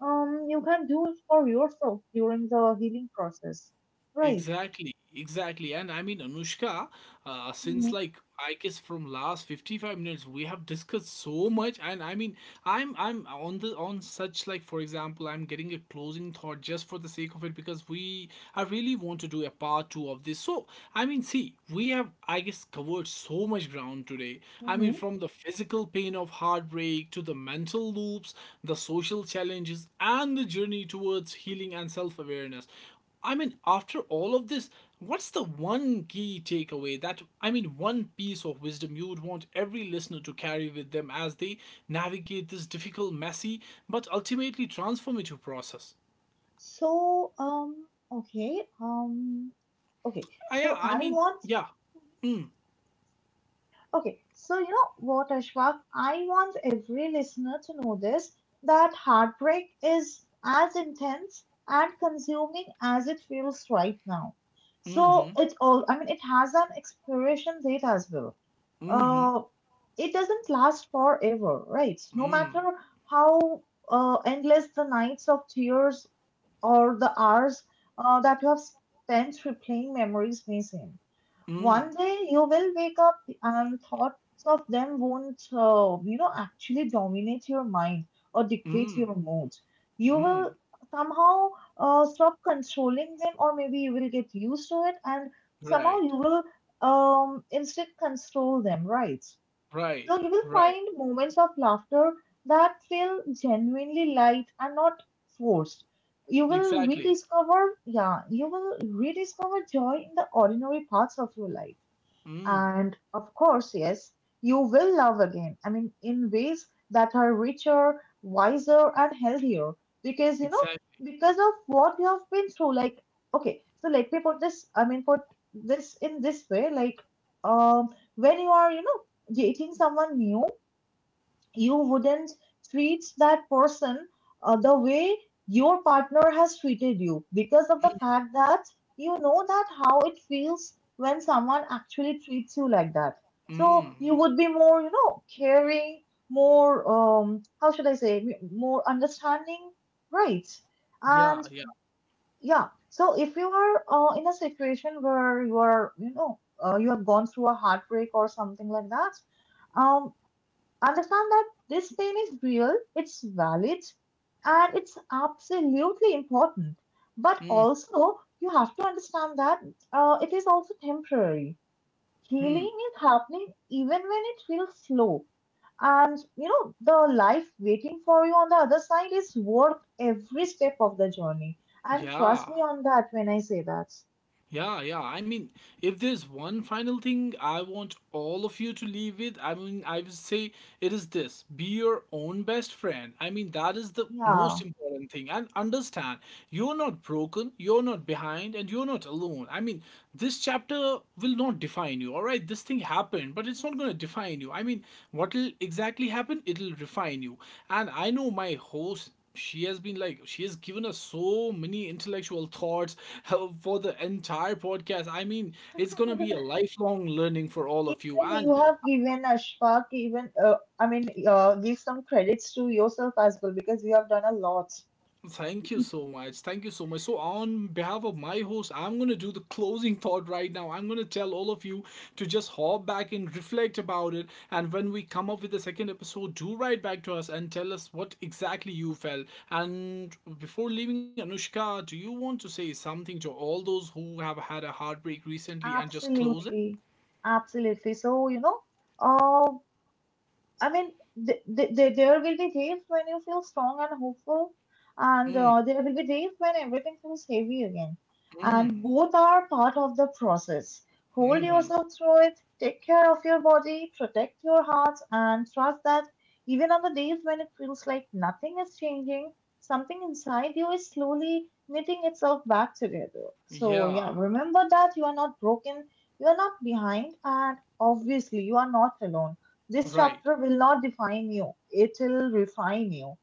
[SPEAKER 1] you can do for yourself during the healing process, right?
[SPEAKER 2] Exactly, exactly. And I mean, Anushka,
[SPEAKER 1] Hmm.
[SPEAKER 2] since like I guess from last 55 minutes we have discussed so much, and I mean, I'm on the on such, like, for example, I'm getting a closing thought just for the sake of it because we I really want to do a part 2 of this. So, I mean, see, we have I guess covered so much ground today. I mean, from the physical pain of heartbreak to the mental loops, the social challenges, and the journey towards healing and self-awareness, I mean, after all of this, what's the one key takeaway that, I mean, one piece of wisdom you would want every listener to carry with them as they navigate this difficult, messy, but ultimately transformative process?
[SPEAKER 1] So, okay, okay. So
[SPEAKER 2] I
[SPEAKER 1] I
[SPEAKER 2] mean,
[SPEAKER 1] want,
[SPEAKER 2] yeah. Mm,
[SPEAKER 1] okay. So you know what, Ashwak? I want every listener to know this, that heartbreak is as intense and consuming as it feels right now.
[SPEAKER 2] mm-hmm,
[SPEAKER 1] So it all, I mean, it has an expiration date as well.
[SPEAKER 2] mm-hmm,
[SPEAKER 1] Uh, it doesn't last forever, right? No matter
[SPEAKER 2] mm,
[SPEAKER 1] how endless the nights of tears or the hours that you have spent replaying memories missing.
[SPEAKER 2] mm,
[SPEAKER 1] One day you will wake up and thoughts of them won't, actually dominate your mind or dictate
[SPEAKER 2] mm,
[SPEAKER 1] your mood. You
[SPEAKER 2] mm.
[SPEAKER 1] will somehow stop controlling them, or maybe you will get used to it, and somehow
[SPEAKER 2] Right,
[SPEAKER 1] you will, instead, control them, right?
[SPEAKER 2] right,
[SPEAKER 1] So you will
[SPEAKER 2] right.
[SPEAKER 1] find moments of laughter that feel genuinely light and not forced. You will
[SPEAKER 2] Exactly.
[SPEAKER 1] rediscover, yeah, you will rediscover joy in the ordinary parts of your life.
[SPEAKER 2] Mm,
[SPEAKER 1] And of course, yes, you will love again. I mean, in ways that are richer, wiser, and healthier because, you know,
[SPEAKER 2] exactly.
[SPEAKER 1] because of what you have been through. Like, okay, so let me put this, I mean, put this in this way. Like, um, when you are, you know, dating someone new, you wouldn't treat that person the way your partner has treated you, because of the fact that you know that how it feels when someone actually treats you like that. So
[SPEAKER 2] Mm.
[SPEAKER 1] you would be more, you know, caring, more, how should I say, more understanding, right?
[SPEAKER 2] Yeah,
[SPEAKER 1] And
[SPEAKER 2] yeah.
[SPEAKER 1] yeah, so if you are, in a situation where you are, you know, you have gone through a heartbreak or something like that, um understand that this pain is real, it's valid, and it's absolutely important. But
[SPEAKER 2] Mm,
[SPEAKER 1] also, you have to understand that, it is also temporary.
[SPEAKER 2] hmm.
[SPEAKER 1] Healing is happening even when it feels slow. And you know, the life waiting for you on the other side is worth every step of the journey. And trust
[SPEAKER 2] Yeah.
[SPEAKER 1] me on that when I say that.
[SPEAKER 2] Yeah, yeah. I mean, if there's one final thing I want all of you to leave with, I mean, I would say it is this: be your own best friend. I mean, that is the most
[SPEAKER 1] Yeah.
[SPEAKER 2] important thing. And understand, you're not broken, you're not behind, and you're not alone. I mean, this chapter will not define you, all right? This thing happened, but it's not going to define you. I mean, what will exactly happen? It'll refine you. And I know my host, she has given us so many intellectual thoughts for the entire podcast. I mean, it's going to be a lifelong learning for all of you.
[SPEAKER 1] Even
[SPEAKER 2] And
[SPEAKER 1] you have given Ashfaq, even, give some credits to yourself as well, because you have done a lot.
[SPEAKER 2] thank you so much. Thank you so much. So, on behalf of my host, I'm going to do the closing thought right now. I'm going to tell all of you to just hop back and reflect about it. And when we come up with the second episode, do write back to us and tell us what exactly you felt. And before leaving, Anushka, do you want to say something to all those who have had a heartbreak recently and just close it?
[SPEAKER 1] Absolutely, absolutely. So you know, uh, I mean, th th th there will be days when you feel strong and hopeful, and
[SPEAKER 2] Mm,
[SPEAKER 1] there will be days when everything feels heavy again. And
[SPEAKER 2] mm,
[SPEAKER 1] both are part of the process. Hold
[SPEAKER 2] mm-hmm.
[SPEAKER 1] yourself through it, take care of your body, protect your heart, and trust that even on the days when it feels like nothing is changing, something inside you is slowly knitting itself back together. So,
[SPEAKER 2] Yeah,
[SPEAKER 1] yeah, remember that you are not broken, you are not behind, and obviously, you are not alone. This
[SPEAKER 2] right.
[SPEAKER 1] chapter will not define you, it'll refine you.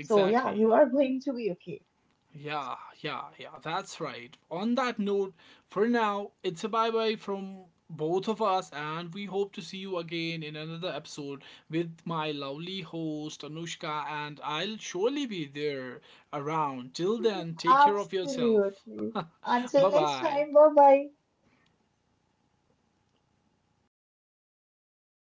[SPEAKER 1] So, yeah, you are going to be okay.
[SPEAKER 2] Yeah, yeah, yeah, that's right. On that note, for now, it's a bye bye from both of us, and we hope to see you again in another episode with my lovely host Anushka, and I'll surely be there around. Till then, take care of yourself.
[SPEAKER 1] Absolutely.
[SPEAKER 2] Bye
[SPEAKER 1] Until next
[SPEAKER 2] bye.
[SPEAKER 1] time, bye bye.